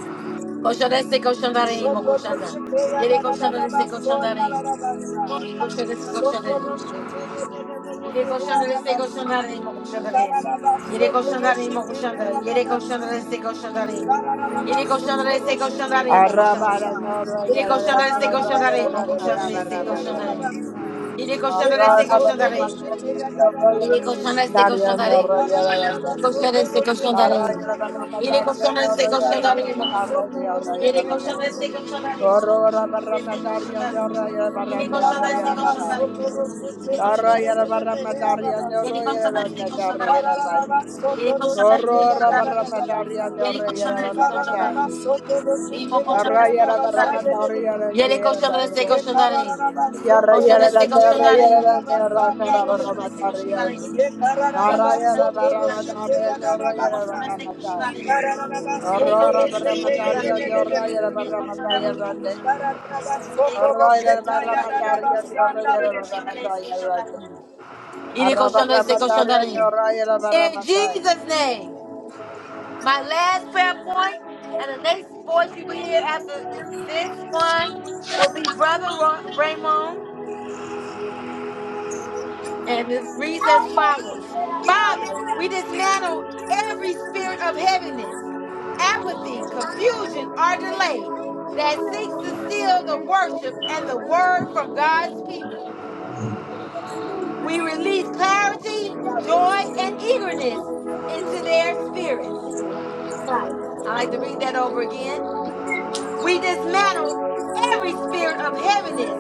you.
Cochonda, se
Thank
cochondarim, mo cochonda. Ele cochonda, se cochondarim. Koşan da sık koşan da cochon Yere il est cochon koşan da değil mi koşan da değil. Yere koşan da değil mi koşan da. Yere koşan da
you.
destek koşan cochon değil. il est cochon destek
Thank
koşan da değil mi
Arra
koşan da.
barra no
Yere koşan
raya
da destek
no
koşan da değil
raya la
mi koşan da
kera
il est
barra bai
cochon
yera.
değil. Yere koşan da destek
Torra
koşan
barra
da değil.
matarria no raya
Yere
barra
koşan da destek
matarria
koşan da
no
değil.
raya grande.
Koşan da destek koşan da değil.
Narayana
Yere
Baramatari
koşan
and
da destek
Narayana
koşan da değil mi?
Baramatari
Yere koşan da destek koşan da değil mi?
you.
Destek koşan da değil. Yere koşan da destek koşan da değil. Ele consome esse constandarinho. Ele consome esse constandarinho. Ele consome esse constandarinho. Ele consome esse constandarinho. E ele
Ye
consome esse constandarinho. Consome esse constandarinho. E ele consome esse constandarinho. E consome esse constandarinho. Ele consome esse constandarinho. Ele
Aurora
consome
barra
esse
mataria de
constandarinho.
oraya de
Ele
barra mataya
constandarinho. Ele consome
grande.
Soto
Aurora de
esse
rosheta
barra
ya da da
constandarinho.
ba
mataria de
sanda
oraya de
Ele
rebe.
barra
consome esse
mataya grande.
constandarinho. Ele
Arra
consome
barra
esse
mataria de
constandarinho.
oraya de barra
In
mataya.
Jesus' name. My last prayer point, and the next voice you will hear after this one will be Brother Ra- Raymond, and it reads as follows Father, we dismantle every spirit of heaviness, apathy, confusion, or delay that seeks to steal the worship and the word from God's people. We release clarity, joy, and eagerness into their spirits. I like to read that over again. We dismantle every spirit of heaviness,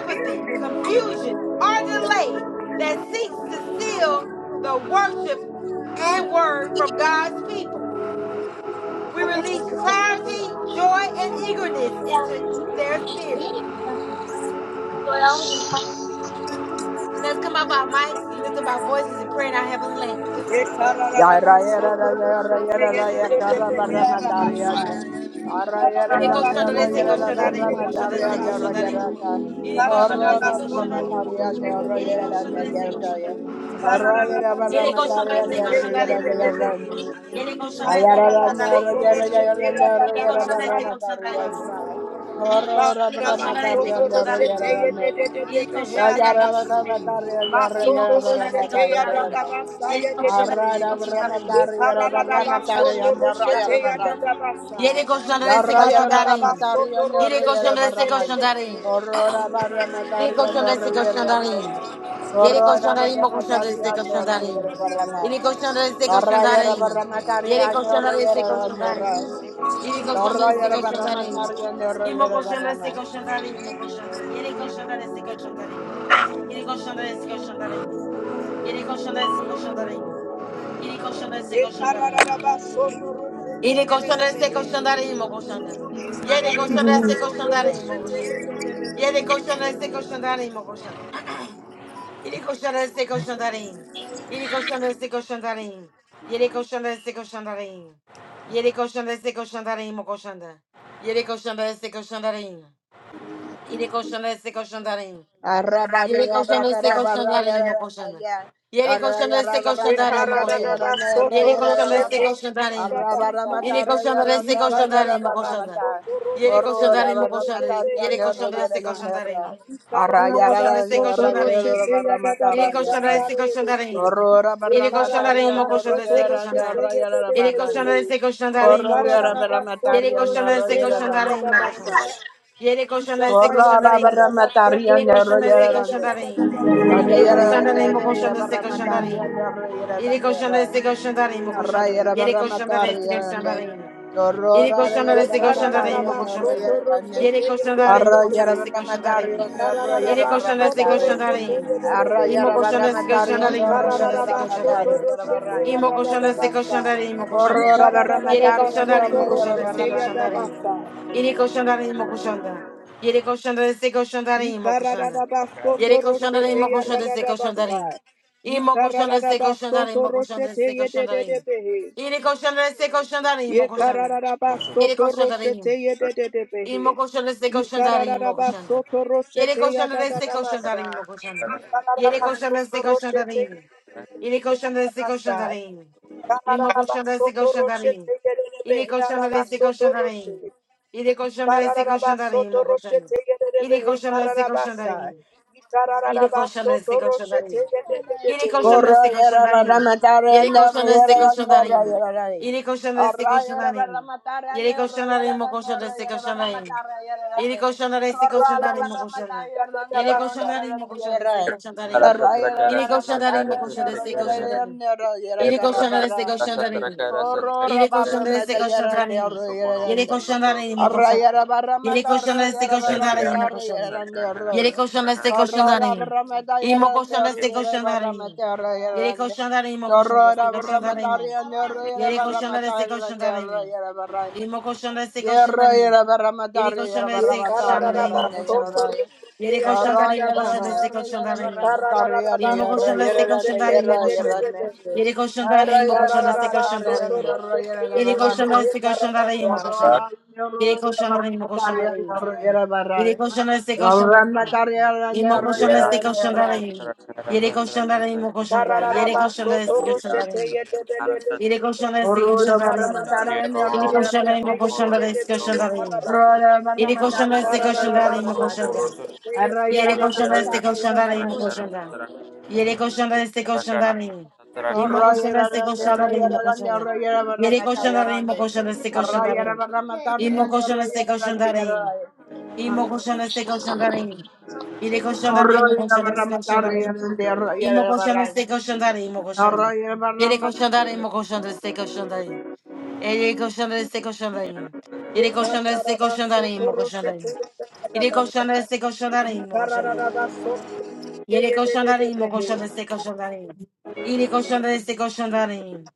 apathy, confusion, or delay that seeks to seal the worship and word from God's people. We release clarity, joy, and eagerness into their spirit. Let's come up our mics, lift up our voices, and pray in our heavenly language.
Ye kararara
Ya
ba
raya de
soto
la raya de
roshete ye
la
de
ya carra barra
Excuse me.
mataria de. Arraya de
Ireko
la
shanda de
raya
seko
de la
shanda de
barra
moko shanda de
mataria
seko
de
shanda
oraya
de.
de la
Ireko
Ikarada
shanda de
Aurora
seko
basoto
barra
roshete
shanda de moko
mataria de
ye de
shanda de.
oraya de
Ireko shanda
la
de
ya
seko shanda
grande.
de.
Arraya de barra
Ele
mataria
koşanlar
de
ise
oraya
koşanlar
de
indi
la
koşanlar.
grande.
Ele koşanlar ise
Horror,
koşanlar indi. Ele koşanlar ise koşanlar indi.
Corona
Ele
barra
koşanlar
matari
ise
ande
koşanlar
orri
indi.
de
Ele koşanlar ise koşanlar indi. İmo koşanlar ise koşanlar indi. Ele koşanlar ise koşanlar indi. Ele koşanlar ise koşanlar indi. Ele koşanlar ise koşanlar indi. Ele
de
koşanlar ise
de
Ele koşanlar ise Yere koşanların mı koşan destek koşanların?
gero barra nahi.
Yere koşan destek
Torrayera
koşanların.
barra
Yere
mataria,
koşan destek
norrayera nerra.
koşanların. Yere koşan destek
Torrayera barra
koşanların.
mataria,
İmo
norrayera
koşan
barra ma.
destek koşanların imo koşan. Yere koşan destek koşanların. Yere koşan destek koşanların. Yere koşan destek koşanların. Yere koşan destek koşanların.
Ekarararabasotorosete
Yere koşan destek
yererebehe.
koşanların imo koşan. Yere koşan destek koşanların imo
Ekarararabasotorosete
koşan.
yererebehe.
Yere koşan destek koşanların imo Yere koşan destek koşan tarayın. Yere koşan destek koşan tarayın. Yere koşan destek koşan tarayın. Yere koşan destek koşan tarayın mı koşan da. Yere koşan destek koşan tarayın. Yere koşan destek koşan tarayın. Yere
Arrabaria
koşan destek
racara
koşan
barra
tarayın mı
yera
koşan da.
neya.
Yere koşan
Torrayera
destek
barra
koşan
Ye
tarayın mı
matacara
karada
koşan
da
da.
yera
ba
nerra
soto
Yere koşan
yera
destek
ne.
roshete
koşan
da
tarayın.
da
Arrabara
sa.
Yere
mataria
koşan
yera
destek
Ye
nerra
koşan
yera
karada
tarayın mı
da ba
barra
koşan da.
mata.
soto
Yere
roshete
koşan
ye
Orrora
tarayın mı
de
barra
de
koşan da.
de de
mataria,
he
Yere
ara
koşan
ba
norrayera
destek
sa.
koşan tarayın.
nerra.
Ye karada
Yere
da
koşan
ba
Arrayera
destek
nerra
soto
koşan tarayın.
yera
roshete ya
barra
da da
Ele
ba sa
koşanda
mataria.
ndare
destek
de de
koşanda
she.
reyim.
Horrora
Ye
barra
Ele koşanda
karada da
mataria,
reyim o
ba
ñorro,
koşanda
soto
destek
yera,
koşanda.
roshete
ñorro,
ye de
yera,
de
Ele
de de
barrande.
koşanda
he.
destek koşanda
Ye
reyim o
karada
Horrora
koşanda.
da
barra
ba
Ele
soto
mataria,
koşanda
ñorro,
destek
roshete
yera,
ya da
koşanda
barrande.
da
reyim
da
o
ba
koşanda.
sa.
Ele
Ye
koşanda
Corra
destek
saka ya
koşanda
da
Corrala
da
barra
da
reyim.
ba
mataria
soto
Ele
nero
koşanda
roshete
destek
ya da
yerande.
koşanda
da da da
reyim.
da she.
Ate
Ele
yera
koşanda reyim o
nero yera
koşanda destek
barra
koşanda
mataria
reyim.
nero yera
Ele koşanda
nero.
destek koşanda reyim o
Arra
koşanda.
yera
Ele
barra
koşanda
mataria
destek koşanda
nande.
reyim. Yere
Corrora
koşanlar
yera
destek
barra
koşanlar
mataria
imo
Ikararaba
nero
koşanlar.
soto
yera nande.
Yere
roshete
koşanlar imo
Arra
koşanlar
yera
yedededehe.
destek
barra
koşanlar imo.
mataria nero yera
Yere
Ikararaba
barra
koşanlar destek
soto
mataria.
koşanlar
roshete
imo.
Arra
yedededehe.
İmo
yera
koşanlar
barra
destek
mataria
koşanlar imo
nero
koşanlar
yera
destek
barra
Ikararaba soto
koşanlar
mataria yera
roshete
barra.
Imo koshanda se
yadadadabasa.
koshanda re imo koshanda.
Corrora barra
Yere
Ikararaba
mataria
koshanda re
soto
nero
imo koshanda se
roshete
yera
koshanda re.
yadabasa.
Yere koshanda re imo koshanda. Yere koshanda se koshanda re imo
Hara
koshanda.
Ikararaba soto
Yere koshanda re
roshete
imo koshanda se koshanda
yadadadabasa.
re. Imo koshanda se
Ikararaba
koshanda re
soto
imo koshanda
roshete
se koshanda re.
yedededehe.
Yere koshanda se koshanda re imo
Ye
koshanda.
kararaba
Yere
soto
koshanda re.
roshete ye de de de
Imo
behe.
koshanda se
Ye
koshanda re imo
kararaba
koshanda.
soto
Yere
roshete ya
koshanda
da
re
da
se
da
koshanda
basa.
re imo koshanda. Yere
Kararaba
koshanda se
soto
koshanda re
roshete ye
imo.
de de de
Yere
behe ya
koshanda
da
se koshanda re imo. Imo koshanda se
soto
koshanda re imo.
roshete ye de de
Yere
behe ya
koshanda re se
soto
koshanda re imo.
roshe.
Yere koshanda re se
Kararaba
koshanda re imo
soto
koshanda.
roshete ye de de
Yere
behe
koshanda se
kararaba
koshanda re imo.
Ye
Yere
kararaba
koshanda se
soto
koshanda re
roshete
imo.
ye de de de
Yere
behe.
koshanda se
Corroyera
koshanda re
para
imo.
matar
Yere
en el
koshanda se
royera
koshanda
donde
re imo.
royera ahí.
Yere koshanda se koshanda
Arroyera
re
para
imo.
matar en
Yere
el
koshanda re
royera
imo
donde
koshanda se
royera
koshanda
para
re imo.
matar royera
Kararaba
Yere
donde.
koşanlar destek
soto
koşanlar
Corrora
imo
para
roshete ye
matar
koşanlar.
da
en
da da
donde
Yere
basa.
koşanlar
royera
imo
donde
koşanlar destek
royera.
koşanlar in.
Arroyera
Yere
para
koşanlar
matar
imo
en el
koşanlar destek
royera
koşanlar in.
donde royera
Yere koşanlar destek
carra
koşanlar in.
Horrora
Yere koşanlar
barramata
destek koşanlar
yerende
in.
orro
Yere
yerende,
koşanlar imo
Arra
koşanlar.
yara
Yere
barramata
koşanlar
arra
destek
yara
koşanlar
barramata
imo
arra
koşanlar.
yerende orro
Yere
ya.
koşanlar destek koşanlar
Horrora
in.
barramata
İmo
yarande
koşanlar
orro
destek
yara
koşanlar in.
barramata orro
Yere
yarande.
koşanlar imo koşanlar
Horrora
destek koşanlar
barramata
in.
yarande orro yara
koşanlar
barramata
destek
yarande
koşanlar
orro yara barrande.
İmo koşanlar destek
Yerro
koşanlar
yara barramata
Yedi
orro
koşan
yara
da ise
barramata
koşan
orro
da
Kararabas,
imo
yarande
koşan da.
yarro ya.
Yedi koşan da
Horrora
imo koşan da
yarande
ise
orro
koşan
yara
da imo.
barramata orro yarande
İmo
yarro
koşan da ise
yarande
koşan da
yarro
imo koşan da.
yarande.
Yedi koşan da
हर रर च
imo koşan da
रर
ise koşan da imo.
भर हजय हन
Yedi
पर def
koşan da ise koşan da imo koşan da.
करामी
Yedi
सुर्णy
koşan da imo
को
koşan
zulाय चे
da imo.
नवक ए हर झेलिख वर यार
Yedi koşan da ise koşan da imo.
मत रहे पारँ नाहय हां
İmo
Thank
koşan da ise koşan da
थाला था
imo. Yedi koşan da imo koşan da. Yedi koşan da ise koşan da imo. Yedi koşan da ise koşan da
उलत
imo. Yedi koşan da imo koşan da ise koşan da imo.
सरया
Yedi koşan da ise koşan da imo
Soto
koşan da. Yere koşanda destek
Roche,
koşanda ve imo koşanda. Yere koşanda destek koşanda ve imo. İmo koşanda destek koşanda ve imo koşanda. Yere koşanda ve imo koşanda destek koşanda ve imo.
हम ठाली
İmo koşanda destek koşanda ve imo.
sounds
İmo koşanda destek koşanda ve imo. Yere koşanda ve imo
Arroyo de
koşanda destek
Barramatar,
koşanda ve imo.
de
İmo koşanda
Barramatar,
destek koşanda ve imo koşanda.
de
Yere
Barramatar,
koşanda ve imo koşanda destek koşanda ve imo. Yere koşanda destek koşanda ve imo. Yere koşanda destek
Ikararaba
koşanda ve imo
sotoro
koşanda ve imo.
shete
Yere
yedededebe
koşanda
sai.
destek koşanda ve imo koşanda.
Ikararaba sotoro shete
Yere koşanların
yedededebe
mı
he.
koşan destek koşanların. İri koşan destek koşanların.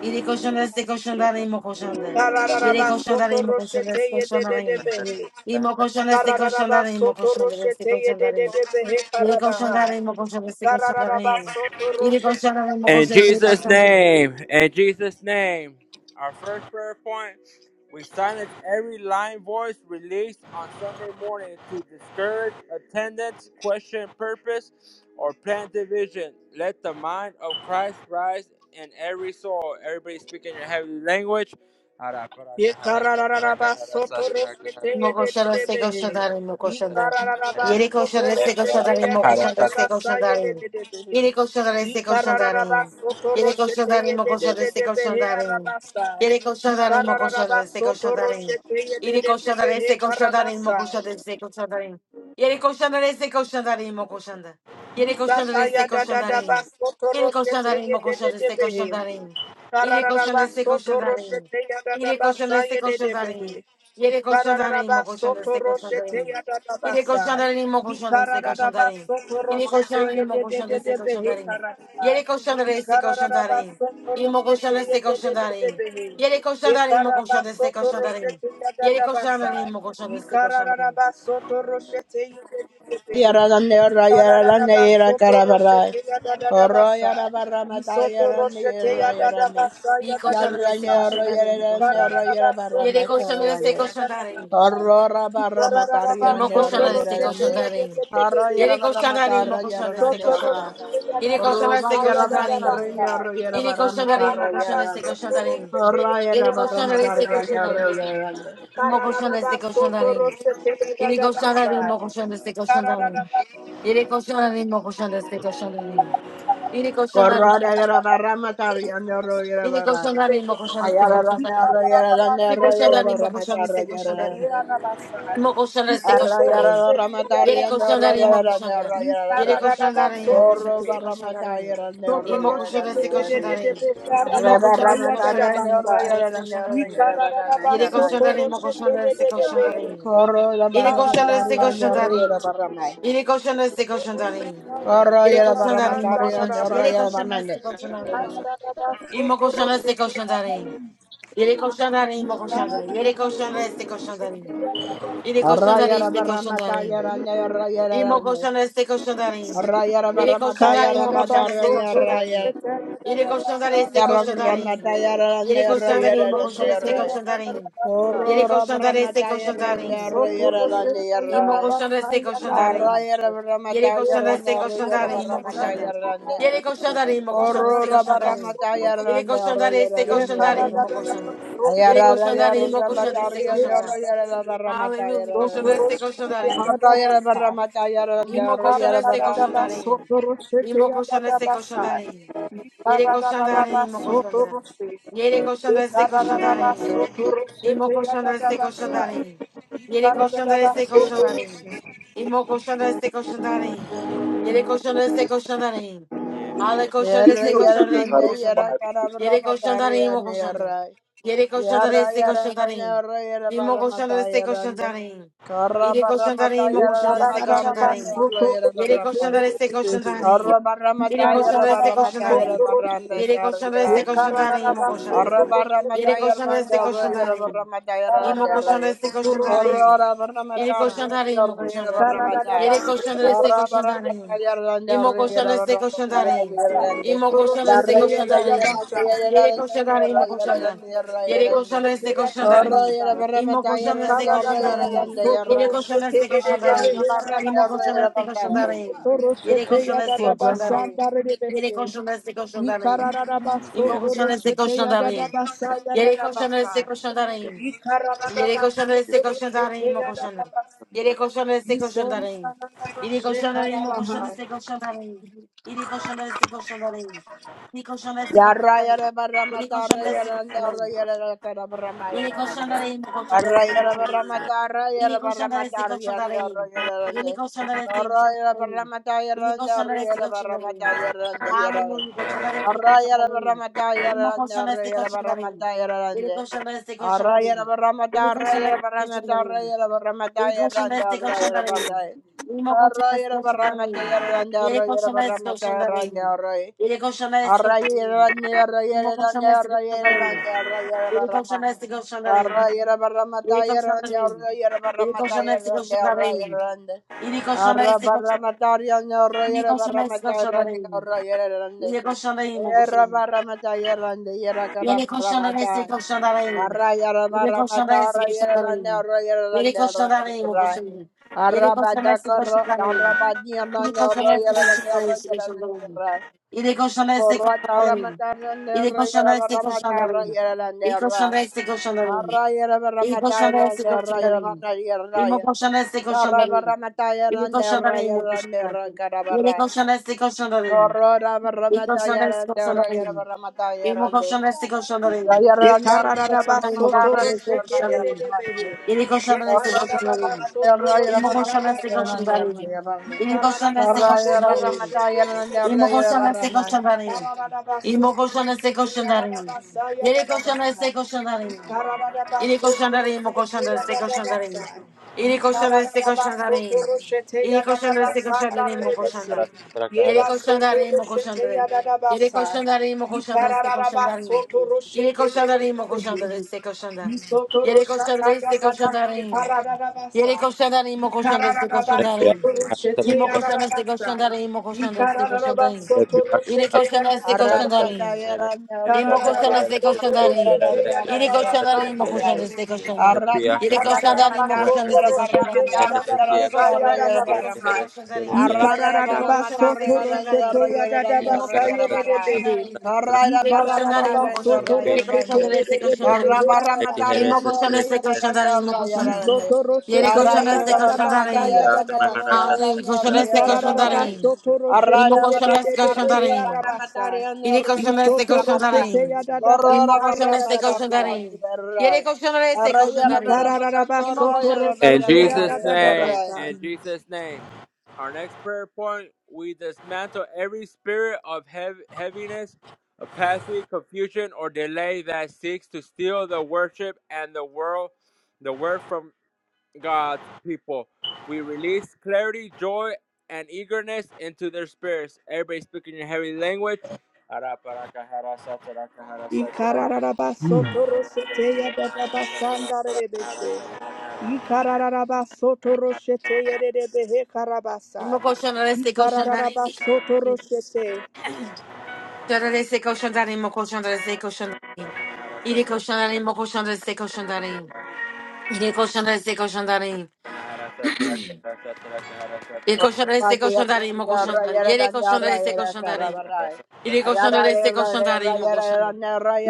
İri koşan destek koşanların mı koşandı. Yere
Ikararaba
koşanların mı
sotoro
koşan
shete
destek koşanların.
yedededebe he.
İmo
you.
koşan destek
Ikararaba
koşanların mı
sotoro
koşan destek
shete
koşanların.
yedededebe he
İri
karabaha.
koşanların mı koşan destek
Ikararaba
koşanların.
sotoro
İri
shete
koşanların mı
In
koşan
yedededebe
destek
Jesus'
koşanların.
name, in Jesus' name, our first prayer point, we silence every lying voice released on Sunday morning to discourage attendance, question purpose, or plan division. Let the mind of Christ rise in every soul. Everybody speak in your heavenly language.
Ye karararaba soto roshete ye de de
Mokoshana
de
Seko
behe.
Shandarin
Ye
Mokoshanda.
karararaba
Yeriko
soto
Shana Seko
roshete
Shandarin
ye da da
Mokoshanda
da
Seko
basa ye de
Shandarin.
de de behe.
Yeriko Shana
Ye
Seko
karararaba
Shandarin.
soto
Yeriko
roshete
Shandarin
ye de de
Mokoshanda
de de
Seko
behe
Shandarin.
arabasa.
Yeriko
Ye
Shandarin
karararaba
Mokoshanda Seko
soto
Shandarin.
roshete ye de de
Yeriko
de
Shandarin
behe
Seko Shandarin
karabasa.
Mokoshanda Seko Shandarin. Yeriko Shandarin Seko Shandarin Mokoshanda.
Ye
Yeriko
sata
Shandarin
ya
Seko
da da da
Shandarin.
basoto
Yeriko
roshete
Shandarin
ye de de
Mokoshanda
de
Seko
behe.
Shandarin. Yeriko
Ikararaba
Shandarin Seko
soto
Shandarin.
roshete yadadaba
Yeriko Shandarin
saye
Seko Shandarin.
dedebehe.
Yere koşanların
Ikararaba
mı koşan
soto
destek
roshete
koşanların.
yadadaba
Yere
saye.
koşanların mı koşan destek
Ikararaba
koşanların.
soto
Yere
roshete
koşanların mı koşan destek
yedededebehe
koşanların.
kararaba.
Yere koşanların destek
Ikararaba
koşanların.
soto
İmo koşan
roshete
destek koşanların.
yedededebehe.
Yere koşanların mı
Ikararaba
koşan destek
soto
koşanların.
roshete
Yere
yadadaba
koşanların
saye.
mı koşan destek koşanların.
Ikararaba soto roshete
Horror,
yedededebehe. Kararabas, Soto Roshete Yadabasai.
İyi koşanların destek koşanların mı koşanların. Yere koşanların destek koşanların. İmo koşanların destek koşanların. Yere koşanların mı koşan destek koşanların. Yere koşanların destek koşanların. Yere koşanlarım, mo koşan destek koşanlarım. Yere koşanlar destek koşanlarım. Mo koşan destek koşanlarım. Yere koşanlarım, mo koşan destek koşanlarım. Yere koşanlarım, mo koşan destek koşanlarım. Yere koşanlarım,
Corrora de la barra
Thank
matar y ando rollo de
yere
barra.
koşanlarım, mo koşan destek
Ayara donde
koşanlarım.
rollo de donde
Yere
rollo de
koşanlarım,
barra
mo koşan
matar
destek
y ando
koşanlarım.
donde.
Mo koşan
you.
destek
Arroyo
koşanlarım.
de barra matar y
Yere
ando rollo
koşanlarım,
de
mo koşan
donde
da.
rollo de
Yere
donde.
koşanlarım, mo koşan
Corro
destek
barra matar y
koşanlarım.
ando rollo
İmo
de
koşan
donde
destek
la donde.
koşanlarım.
Arre
İmo koşan
barra
destek
matar y
koşanlarım,
ando
mo koşan
rollo de
destek
donde
koşanlarım.
rollo de barra me
Yere
carraya.
koşanların mı koşanların se koşanların.
Corro de
Yere
barra
koşanların
matar
se
y ando rollo
koşanların.
de barra me.
Yere koşanların se koşanların.
Corro y
Yere
de barra
koşanların mı
matar y
koşanların.
ando
Yere
rollo de barra
koşanların se
me.
koşanların. İmo koşanların se koşanların. Yere koşanların
Ye
mı koşanların. Yere koşanların se koşanların. Yere
Arroyo
koşanların
de
se
barra matar y
koşanların.
ando rollo de
İmo
donde.
koşanların se koşanların.
Rayara
Yere
Ramataya
koşanların
karada da
mı
da da,
koşanların se
so
Ramataya
koro se
Raya
koşanların.
kere de
Yere
de
koşanların se koşanların.
Ramataya Rande
Yere
Raya
koşanların mı
Rande
koşanların
Raya
se
Raya
koşanların. Yere
Oro
koşanların se
Ramataya
koşanların.
Rande Raya Rande
Imo
Raya
koshanda se koshanda reim.
Araya
Yere
Ramataya
koshanda se
Rande Raya
koshanda reim imo koshanda.
Ramataya Rande
Yere koshanda reim imo koshanda
Oro
se koshanda reim.
Ramataya
Yere
Rande
koshanda
Raya
re se koshanda
Rande
reim
Raya
imo koshanda. Yere
de
Ayara
de
koshanda
Raya
reim
de
imo koshanda se
Ramataya
he
Rande
koshanda.
Raya
arabasi.
Ramataya
Hallelujah. Koshanda
Rande
se
Sotoroshe,
koshanda reim.
Araya Ramataya Rande
Ye
Imo koshanda se
Raya
karararaba
koshanda reim.
sotoro sheta
Imo
ya
koshanda se koshanda reim. Yere koshanda reim imo koshanda. Yere koshanda se koshanda reim. Imo colchão da este colchão da areia. Ele colchão da este colchão da areia. Imo colchão da este colchão da areia. Ele colchão da este colchão da areia. Ale colchão da
Did you
Yarra
este colchão
yarra
da areia. Imo
nanda
Epiakana
colchão da.
yarra karabra
Ele colchão
matar
da areia. Imo
yarra
colchão da.
yarra
Ele colchão da
yarra
este colchão
yarra
da
nanda
areia.
yarra yarra
Imo
barra
colchão da
matar
este
yarra
colchão da
nanda
areia.
karra
Ele
barra
colchão da areia.
matar
Imo colchão
yarra
da este
matar
colchão da areia.
yarra yarra yarra barra matar
este
karra barra matar yarra
este
barra matar yarra barra matar
este
yarra Poor grandpa.
este
da
Imo koşan da destek koşan da arayın. İri koşan
Thank
da
you.
arayın imo
Ikararabasa,
koşan da. Yeri koşan da destek koşan da arayın. İmo koşan da destek koşan da arayın. İmo koşan da destek koşan da arayın. Yeri koşan da arayın imo koşan da. Yeri koşan da destek koşan da arayın. İmo koşan da destek koşan da arayın. İri koşan da destek koşan da arayın. İmo koşan da destek koşan da arayın. Yeri koşan da destek koşan da arayın. Yeri koşan da destek koşan da arayın. İmo koşan da destek koşan da arayın. Yeri koşan da destek koşan da imo kosan da destek yeri kosan da destek Yere koşan arası
Ikararabasa,
koşan darayım o koşan.
Ikararabasa,
Yere koşan arası
Ye
koşan darayım. Yere koşan arayım o koşan arası koşan darayım. Yere koşan arası koşan darayım. Yere koşan
Arroyo,
arası koşan darayım. Yere koşan arası koşan darayım. Yere koşan arayım o koşan arası koşan darayım. Yere koşan arası koşan darayım. Yere koşan arası koşan darayım. Yere koşan arası koşan darayım. Hallelujah koşan arası koşan darayım. Yere koşan arası koşan darayım. Yere koşan arası koşan darayım. Yere koşan arası koşan darayım. Yeni koşanlar tek koşanlarım. Yeni koşanlar tek koşanlarım. Yeni koşanlar tek koşanlarım. Yeni koşanlar tek
Arra
koşanlarım. Yeni koşanlar tek koşanlarım. Yeni koşanlar tek koşanlarım. Yeni koşanlarım. Yeni koşanlar tek koşanlarım. Yeni koşanlar tek koşanlarım. Yeni koşanlar tek koşanlarım. Yeni koşanlarım o koşanlarım. Yeni koşanlar tek koşanlarım. Yeni koşanlar tek koşanlarım. Yeni koşanlarım o koşanlarım. Yeni koşanlar tek
Arabadakar,
koşanlarım.
Arabadian,
Il est conscient de
Royal,
ses
and
conscients c'est conscient
Royal,
d'arrivée.
and
Il est conscient de ses conscients
Corrata
d'arrivée.
ramatara
Il est
nerra
conscient
yara
de ses conscients
ramatara
d'arrivée.
yara la
Il est conscient
nerra.
de ses conscients d'arrivée.
Arra yara
Il est conscient de
ramatara
ses conscients
nerra yara
d'arrivée.
mata yara
Il est
raya.
conscient de ses conscients
Tarra
d'arrivée. Il est
ramatara
conscient
nerra
d'arrivée, mon
yara
conscient
nerra
d'arrivée. Il est
karabara.
conscient de ses conscients d'arrivée.
Corrora
Il est conscient de ses
ramatara
conscients
nerra yara
d'arrivée. Il est
ramatara
conscient de ses conscients d'arrivée.
nerra. Yara
ba,
nerra
Il est
yara
conscient
ba,
de lui, mon
soto ro
ramatara
conscient de ses
nerra yara mata
Il est conscient de ses conscients
Corrora
d'arrivée.
ramatara nerra
Il
yara
est
sheta
ramatara
conscient de
ya
ses
da ba
conscients
sa.
nerra
d'arrivée.
Ye
Il est conscient de ses conscients d'arrivée.
yara
Immokoshana
mata
seko
Corro,
shandarin. Immokoshana seko shandarin. Irikoshana seko shandarin. Irikoshandarin, immokoshana seko shandarin. Irikoshana seko shandarin. Irikoshana seko shandarin, immokoshana. Irikoshandarin, immokoshana. Irikoshandarin, immokoshana seko shandarin. Irikoshandarin, immokoshana seko shandarin.
Isotoro shata
Irikoshandarin,
ya
seko
dada
shandarin.
shikara dada
Yere
basa.
koşanların, imo koşan destek
Ikararabas,
koşanların.
Soto Roshete de
İmo koşan destek koşanların, imo koşan destek koşanların. Yere koşan
de
destek koşanların. İmo koşan destek koşanların. Yere koşanların, imo koşan destek koşanların. Yere koşanların, imo koşan destek koşanların. Yere koşanların,
de
imo koşan destek koşanların. İmo koşan destek koşanların. İmo koşan destek koşanların. Yere koşanların, imo koşan. Yere
Arra
koşanların destek
Arra
de de
koşanların.
he arabasi.
Imo koshana se koshana imo koshana.
Isoto
Yere
roshete ya
koshana
da
se
da da
koshana
basa ya
rein.
da da basa.
Hallelujah. Koshana se
Ikararara
koshana rein.
basoto roshete
Imo
ye de
koshana se
de de
koshana
behe
rein.
arabasa.
Yere koshana se
Isoto
koshana
roshete
rein.
ya da da
Imo
basa ya
koshana
da
se
da
koshana
basa.
rein. Yere koshana se koshana rein.
Ikararara
Imo
basoto
koshana se
In
roshete
koshana
ya
Jesus'
rein.
da da da
name,
basa.
in Jesus' name. Our next prayer point we dismantle every spirit of heav- heaviness, apathy, confusion, or delay that seeks to steal the worship and the world, the word from God's people. We release clarity, joy, and eagerness into their spirits. Everybody speaking your heavenly language.
Ikararara basoto roshete ya da da basa ndarere bese. Ikararara basoto roshete ye de de behe
Imo
karabasa.
koshana se koshana
Ikararara
rein.
basoto roshete.
Koshana se koshana Imo koshana se koshana rein. Yere koshana imo koshana se koshana rein. Yere koshana se koshana Il cochon de laisser cochon d'aller, mon cochon d'aller. Il est cochon de laisser cochon d'aller. Il est cochon de laisser cochon d'aller, mon cochon d'aller.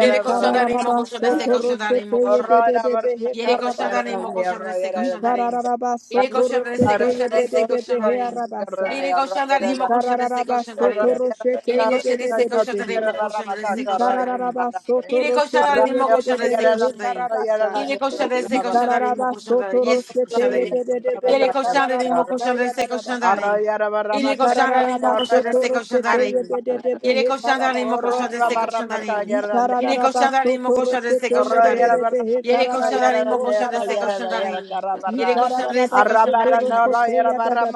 Il est cochon d'aller, mon cochon de laisser
soto
cochon
rosete
d'aller,
yede de de de he
Yere koşanların, mo
karabasa.
koşanlarse koşanların.
Ikararaba
İri
soto
koşanlarse
rosete yede de
koşanlarse
de de he
koşanların.
arabasa.
İri koşanların, mo koşanlarse
Ikararaba soto
koşanların.
rosete
İri
yede de
koşanlarse
de de de
koşanların,
he.
mo koşanlarse koşanların.
Ikararaba soto
İri
rosete
koşanların, mo
yede de de
koşanlarse
de he
koşanların.
karabasa.
İri koşanlarse
Arroyo
koşanların, mo
Ikararaba
koşanların.
soto
Yes,
rosete
koşanların.
yede de de de
Yere
he
koşanların, mo
karabasa
koşanlarse
yarabasa.
koşanların. İri koşanların, mo
Ikararaba soto
koşanlarse
rosete
koşanların.
yede de de de
Yere
he
koşanların, mo
karabasa.
koşanlarse koşanların. İri koşanların, mo koşanlarse
Ikararabasotoroshete
Horror
koşanların.
la barra
yadadadabasa
Yere
matar,
koşan darim
yera,
mo
yera,
koşan deste koşan darim. Yere koşan deste koşan darim mo koşan.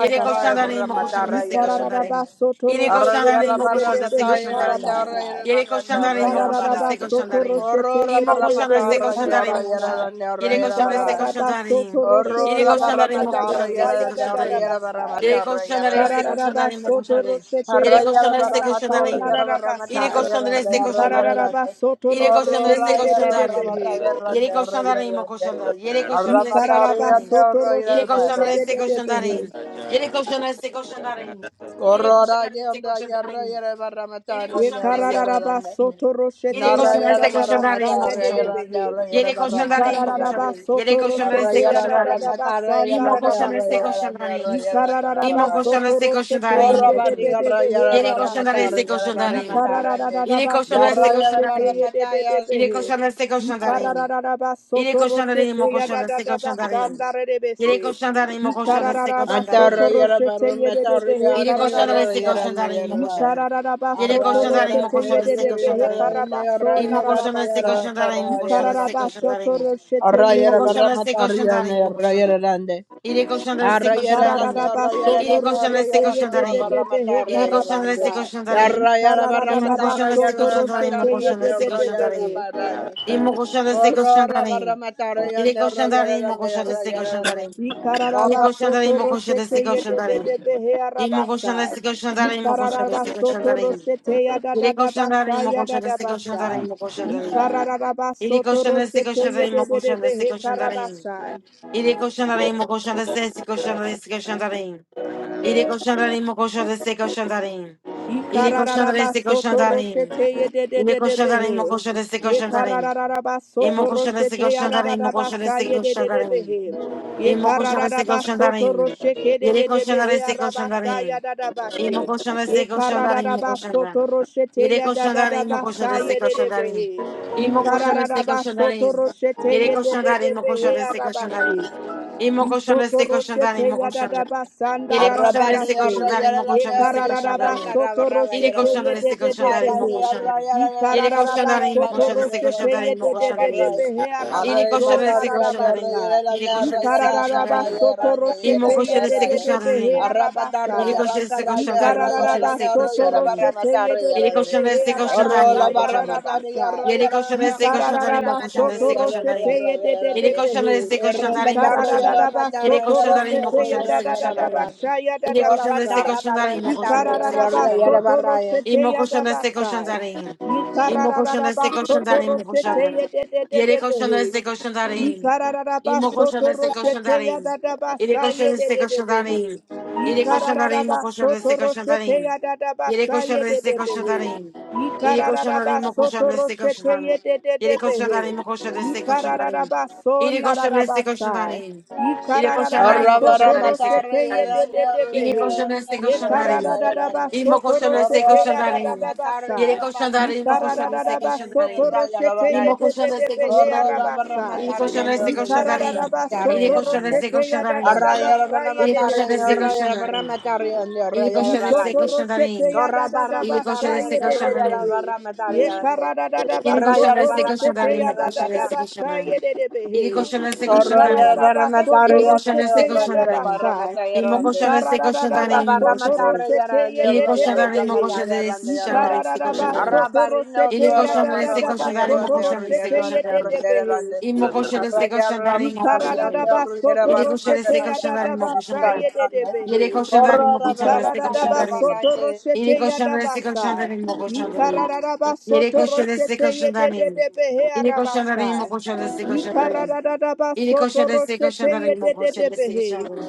Yere koşan darim mo koşan deste koşan darim. Yere koşan darim
yera,
mo koşan deste koşan darim. Yere koşan darim mo koşan deste koşan darim. İmo koşan deste koşan darim mo koşan. Yere koşan deste koşan darim. Yere koşan darim mo koşan deste koşan darim.
barra
yadadadabasa.
Yere
matar,
koşan darim
yera,
deste koşan darim mo
Kararabasoto
koşan darim.
Corro,
roshete
Yere koşan deste koşan
yararabaso
darim. Yere
nararabasai.
koşan deste koşan
Ikararabasoto
Yere koşan
roshete
deste koşan
yedededebehe.
Yere koşanların mı koşanların? Yere koşanların destek koşanların.
Ikararabasoto
Yere
roshete
koşanların destek
yedededebehe.
koşanların. Yere koşanların destek koşanların. Yere koşanların destek koşanların. Yere
Ye
koşanların destek
karararaba
koşanların.
soto
Yere
roshete ya
koşanların
da da
destek
da
koşanların
basa
mı
ya de de
koşanların?
behe.
Yere
Ye
koşanların mı
karararaba
koşanların? Yere
soto
koşanların destek
roshete ya da da da
koşanların.
basa
İmo
ndara da
koşanların destek
basa.
koşanların.
Ye karararaba
İmo koşanların
soto
destek
roshete ya
koşanların mı
de de
Corrobati
de
koşanların?
de
yarra
behe
yarra
ya
Yere
barra
koşanların
matar
rabasi.
destek
yarra barra
Ye
koşanların.
matar ande
Yere
karararaba
koşanların
soto
destek
yarra yarra
roshete
barra
koşanların.
ya de
matar
de de
yarra
Yere
behe.
koşanların destek
Ye
koşanların.
karararaba
Yere
soto
koşanların mı
roshete ya da
koşanların
da
se
da basa
koşanların.
ndara de
Yere
besi.
koşanların mı koşanların se
Ikararaba soto
atarra
koşanların.
yarra
roshete
barra matar
yedede he
yarra
Yere
ne
koşanların
yarra
se
kararabasa.
yarra
koşanların mı
yarra
koşanların.
Ikararaba
Yere
arra
soto
koşanların
yarra
mı
roshete
ne
koşanların se
yedede he
yarra
koşanların.
yarra ne
karabaso
yarra
İmo
yarra
koşanların se
nararabasa.
yarra
koşanların mı
atarra yarra
koşanların se
barra
Ikararaba
ande
soto
koşanların.
roshete
arra
İmo
yarra
yede.
barra
koşanların se
matar yarra ne
koşanların mı
yarra
koşanların.
yarra ande
Yere koşanların se
arra yarra ande
koşanların.
Ikararaba
yarra yarra
soto
Yere
ande
koşanların
yarra
se
roshete
yarra atarra
koşanların.
yedede
barra
he
matar
Yere
yarra
koşanların
ande
se
karabasa.
koşanların.
yarra yarra barra
İmo
Ikararaba
matar
koşanların se
soto
yarra
koşanların
matar
mı
roshete
yarra
koşanların se
yarra
yedede
yarra
koşanların.
he.
barra ande
İmo koşanların se
Corora barra
koşanların.
matarre
Il est
yande orra
conscient
yere
d'aller, mon conscient de ses conscients d'aller. Il est conscient
Ikararabasoto
d'aller, mon conscient de
rosete
ses conscients d'aller.
yedededebe he
Il mon conscient de
arabasai.
ses conscients d'aller, mon conscient de ses conscients
Ikararabasoto
d'aller.
rosete
Il est conscient
yadadadabasa
d'aller, mon conscient de ses conscients
yadadabasa.
d'aller, mon conscient d'aller. Il est
Ikararabasoto
conscient de ses
rosete
conscients d'aller, mon conscient de
yedededebe
ses
he
conscients d'aller.
karabasai.
Il est conscient d'aller, mon conscient de ses conscients d'aller, ses conscients d'aller. Il est conscient d'aller, mon conscient de ses conscients d'aller. Il est conscient d'aller, ses conscients
Ikararabasoto
d'aller.
roshete
Il
yedededebehe. Yekararabasoto roshete yararabasa yedededebehe.
Imo koşan destek koşan
Yekararabasoto
darayım.
rosheke
Yere koşan da
dededebehe
destek koşan
arabasa
darayım.
yadadabashe.
İmo koşan destek koşan darayım. İmo koşan da.
Yekararabasoto roshete
Yere koşan darayım. İmo koşan
yadadabasa
destek koşan darayım.
yededebehe.
İmo koşan destek koşan
Ikararabasoto
darayım.
roshete
Yere koşan darayım. İmo
yedededebehe
koşan destek koşan
arabasi.
darayım. İmo koşan destek koşan
Isotoroshete
darayım.
yadadaba
Yere koşan da
arrabani
destek koşan
orra
sandaradadadase.
da
yere
imo
lande
koşan da destek koşan da
Yekarararaba
imo.
barra ga
Yere
sotoroshete
koşan da destek koşan da imo
Harani
yedededebehe.
koşan da.
orra yere
Yere koşan
Ikarararaba
da imo
barra
koşan da
yande
destek
orra
sotoroshete
koşan da imo koşan da
barra.
imo.
yedededebehe
Yere
Arre
koşan da
arabaso
destek
matarria
koşan da
nerra
nararabasa.
imo.
yera
Yere koşan
nerra
da destek
yera
koşan da
Ikarararaba
imo.
karaya yera
İmo
sotoroshete
yera
koşan da destek
taraya.
koşan da
yedededebehe
imo.
Arra patarra
Yere
arabasa.
yera
koşan da destek
karaya
koşan da
yera
imo koşan da
Ikarararaba
yera
destek
nerra
koşan
yera
da
barra
imo.
sotoroshete
matarra
Yere
yera
koşan da
yedededebehe
destek koşan da
Orro
arabasa
la
imo
barra
koşan da.
matarra
yararabasa.
yera
Yere
yera
koşan
nerra
destek koşan
kara
tarayın
barra
mı
Ikararaba
koşan
matarra
soto
destek
yera
koşan
rosete
tarayın.
yera
ye de de
yera
de
Yere
ne.
koşan
behe.
destek koşan
Erra
tarayın mı
matarra
koşan tarayın.
yera
Ikararaba
Yere
matarra
soto
koşan
yera
tarayın mı
nerra
rosete
koşan
ya da
yera
destek
da da
koşan
kara
da
barra
tarayın.
ne.
basha ya da
Yere
da
koşan
Corra
basa.
destek
tarra
koşan
barra
tarayın mı koşan
matarra
destek koşan
Ikararaba
yera yera
tarayın.
soto
barra
rosete
İmo
ya da
koşan destek
basa.
koşan tarayın. İmo koşan destek
Ikararaba
koşan
soto
tarayın mı koşan
rosete
tarayın.
ye de de de
Yere
de
koşan
behe.
destek koşan tarayın.
Ikararaba
Imo koşan
soto
destek koşan
roshete ya
darin.
dadaba
İri koşan
saye de
destek
de de
koşan
behe.
darin. İri koşan darin mo
Ikararaba
koşan
soto
destek koşan
roshete
darin.
ya dadaba
İri koşan
saye de
destek
de
koşan
behe.
darin. İri koşan darin
Ikararaba
mo koşan
soto
destek koşan
roshete ye
darin.
de de
İri
de
koşan darin
behe.
mo koşan destek koşan darin.
Ikararaba so
İri koşan
nararaba
destek koşan
sai.
darin. İri koşan
Ikararaba
darin mo
Arroyo
koşan
para
soto
destek
matar
koşan
roshete
y
ye
darin.
de
grande.
de de
İri
behe.
koşan destek
Ye
koşan
karada
Arroyo
darin.
da da ba
İmo
soto
koşan destek
roshete
koşan
ya da da
para
darin.
da ba
matar y
İri
sa.
koşan
Ye
darin mo
karada
koşan
da da
destek
ba
koşan
soto
darin.
roshete ye
İmo
de
koşan
de de
destek
behe
koşan
ya ra
darin.
ba sa.
Il cochon de ses
Ye
cochons
karada da
d'arène.
ba
Il est
soto
cochon de ses
roshete
cochons
ya da da
d'arène.
da ba sa
Il
ye
est
de de
cochon de ses
behe.
cochons d'arène. Il est cochon de ses
Isotoro
cochons
sete
d'arène.
ya da da da
Il est
ba
cochon
sa
de ses
ye de
cochons
de
d'arène.
behe. Ye kara da da da
Il
ba
est cochon de ses
sotoro
cochons
sete
d'arène. le
ya da
cochon
da
de
grande.
da ba sa ye de de behe.
ses cochons
Ikara da
Corroyere
d'arène.
da
barra
ba
Il
matarre
est cochon de Iri koşana destek koşanların. Iri
sotoro
koşana
yere
destek
sete ya da
royere
ba
koşanların.
barra
sa.
matarre
Iri
rande.
koşana
Ikara
destek
da da da
Yerra
ba
barra
sotoro
matarre
koşanların.
sete
yere
ye
Iri
de de
royere
de
barra
behe.
koşana
matarre rande yerra.
Ikara
destek koşanların.
da
Iri koşana destek
da ba
Arra
koşanların.
sotoro
barrino
Iri
sete ya
corro
da
koşana
da
barra
destek
da ba
matarre
koşanların. Iri
rande
koşana destek koşanların. Iri koşana destek
royere
ye
rande
de
koşanların. Iri koşana destek de
de
royere
behe.
rande.
Imo koşana
Arra
destek
yerra
koşanların. Imo koşanların. Iri koşanların. Imo koşana destek koşanların. Iri koşana destek koşanların. Imo koşana destek koşanların. Imo koşana destek koşanların. Imo
matarre
koşanların.
Ikarada
rande royere
basoto
یله
barra
کشاندست
roshete
matarre
yada
yere
کشاندالی
barra
basa
مکشاندالی
matarre
yede
rande.
یله
behe.
کشاندالی
Corro barra
مکشاندست
matarre
Ikarada
yara
کشاندالی
barra
basoto
rande.
یله
roshete yada
کشاندست
basa.
کشاندالی مکشاندالی
Ikarada
یله
basoto
کشاندست
roshete yede
کشاندالی
behe arabasa.
مکشاندست کشاندالی
Ikarada
یله
basoto
کشاندست کشاندالی مکشاندست کشاندالی یله کشاندست
roshete
کشاندالی
yede
مکشاندست
behe.
کشاندالی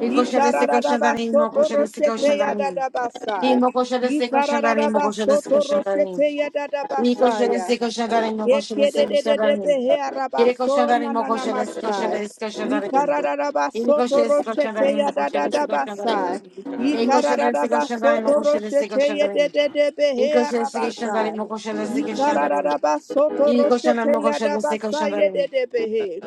یله کشاندست
Ikarada basoto roshete yada basa. Ikarada
کشاندالی مکشاندست
basoto
کشاندالی
roshete yada
I Niko
basa.
szedeske koşandarin moko szedeske
Yekedededebe
koşandarin.
he
Yere
arabaso na
koşandarin
na
moko
na
szedeske
mashai.
koşandarin koşandarin.
Ikararabaso
Niko szedeske
toroshete
koşandarin
ya
moko
da da da
szedeske
basai.
koşandarin. Niko szedeske
Ikararabaso
koşandarin moko szedeske
toroshete ye
koşandarin.
dededebe he
Niko szedeske koşandarin
arabasai.
moko szedeske koşandarin.
Ikararabaso
Niko szedeske
toroshete
moko
ya da
szedeske
basai ye
koşandarin.
dedebe he.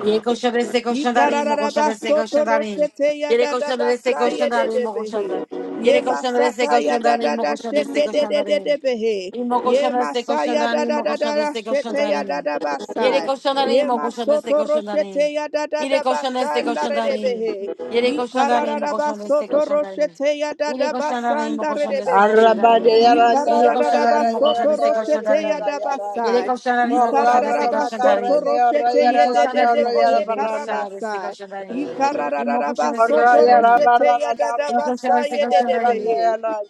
Yeko szedeske koşandarin moko szedeske
Ikararabasoto
koşandarin.
roshete ya
Yere
dada
koşandarin szedeske
basa ye de
koşandarin
de
moko
behe.
szedeske.
Ye
Yere koşandarin szedeske
basata ya
koşandarin
dada da
moko szedeske
sheke de de de
koşandarin.
de behe.
Imo
Ye
koşan este
masa
koşan
ya
dani,
dada
imo
da da
koşan
da
este koşan
shete ya
dani.
dada
Yere
basa.
koşan dani,
Ye
imo koşan este
masoto
koşan dani.
roshete ya dada
Yere
da
koşan
basa
este koşan
ndare de
dani.
behe.
Yere koşan dani, imo koşan este
Ikararabasoto
koşan dani.
roshete ya
Yere
dada
koşan dani,
basa
imo
ndare
koşan
de
este koşan
bese.
dani. Yere koşan dani,
Ikarararaba
imo koşan
soto
este koşan
roshete
dani. Yere
yadabasai.
koşan dani, imo koşan este
Ikarararaba
koşan
soto
dani.
roshete
Yere koşan dani, imo koşan
yedededebehe
Arra
este
karabasai.
koşan dani. Imo
Ikarararaba
koşan este
Corro,
soto
koşan
Arra
dani.
roshete
barra matarra,
Yere koşan
yadadabasai
este koşan
yarra
dani.
yededebehe.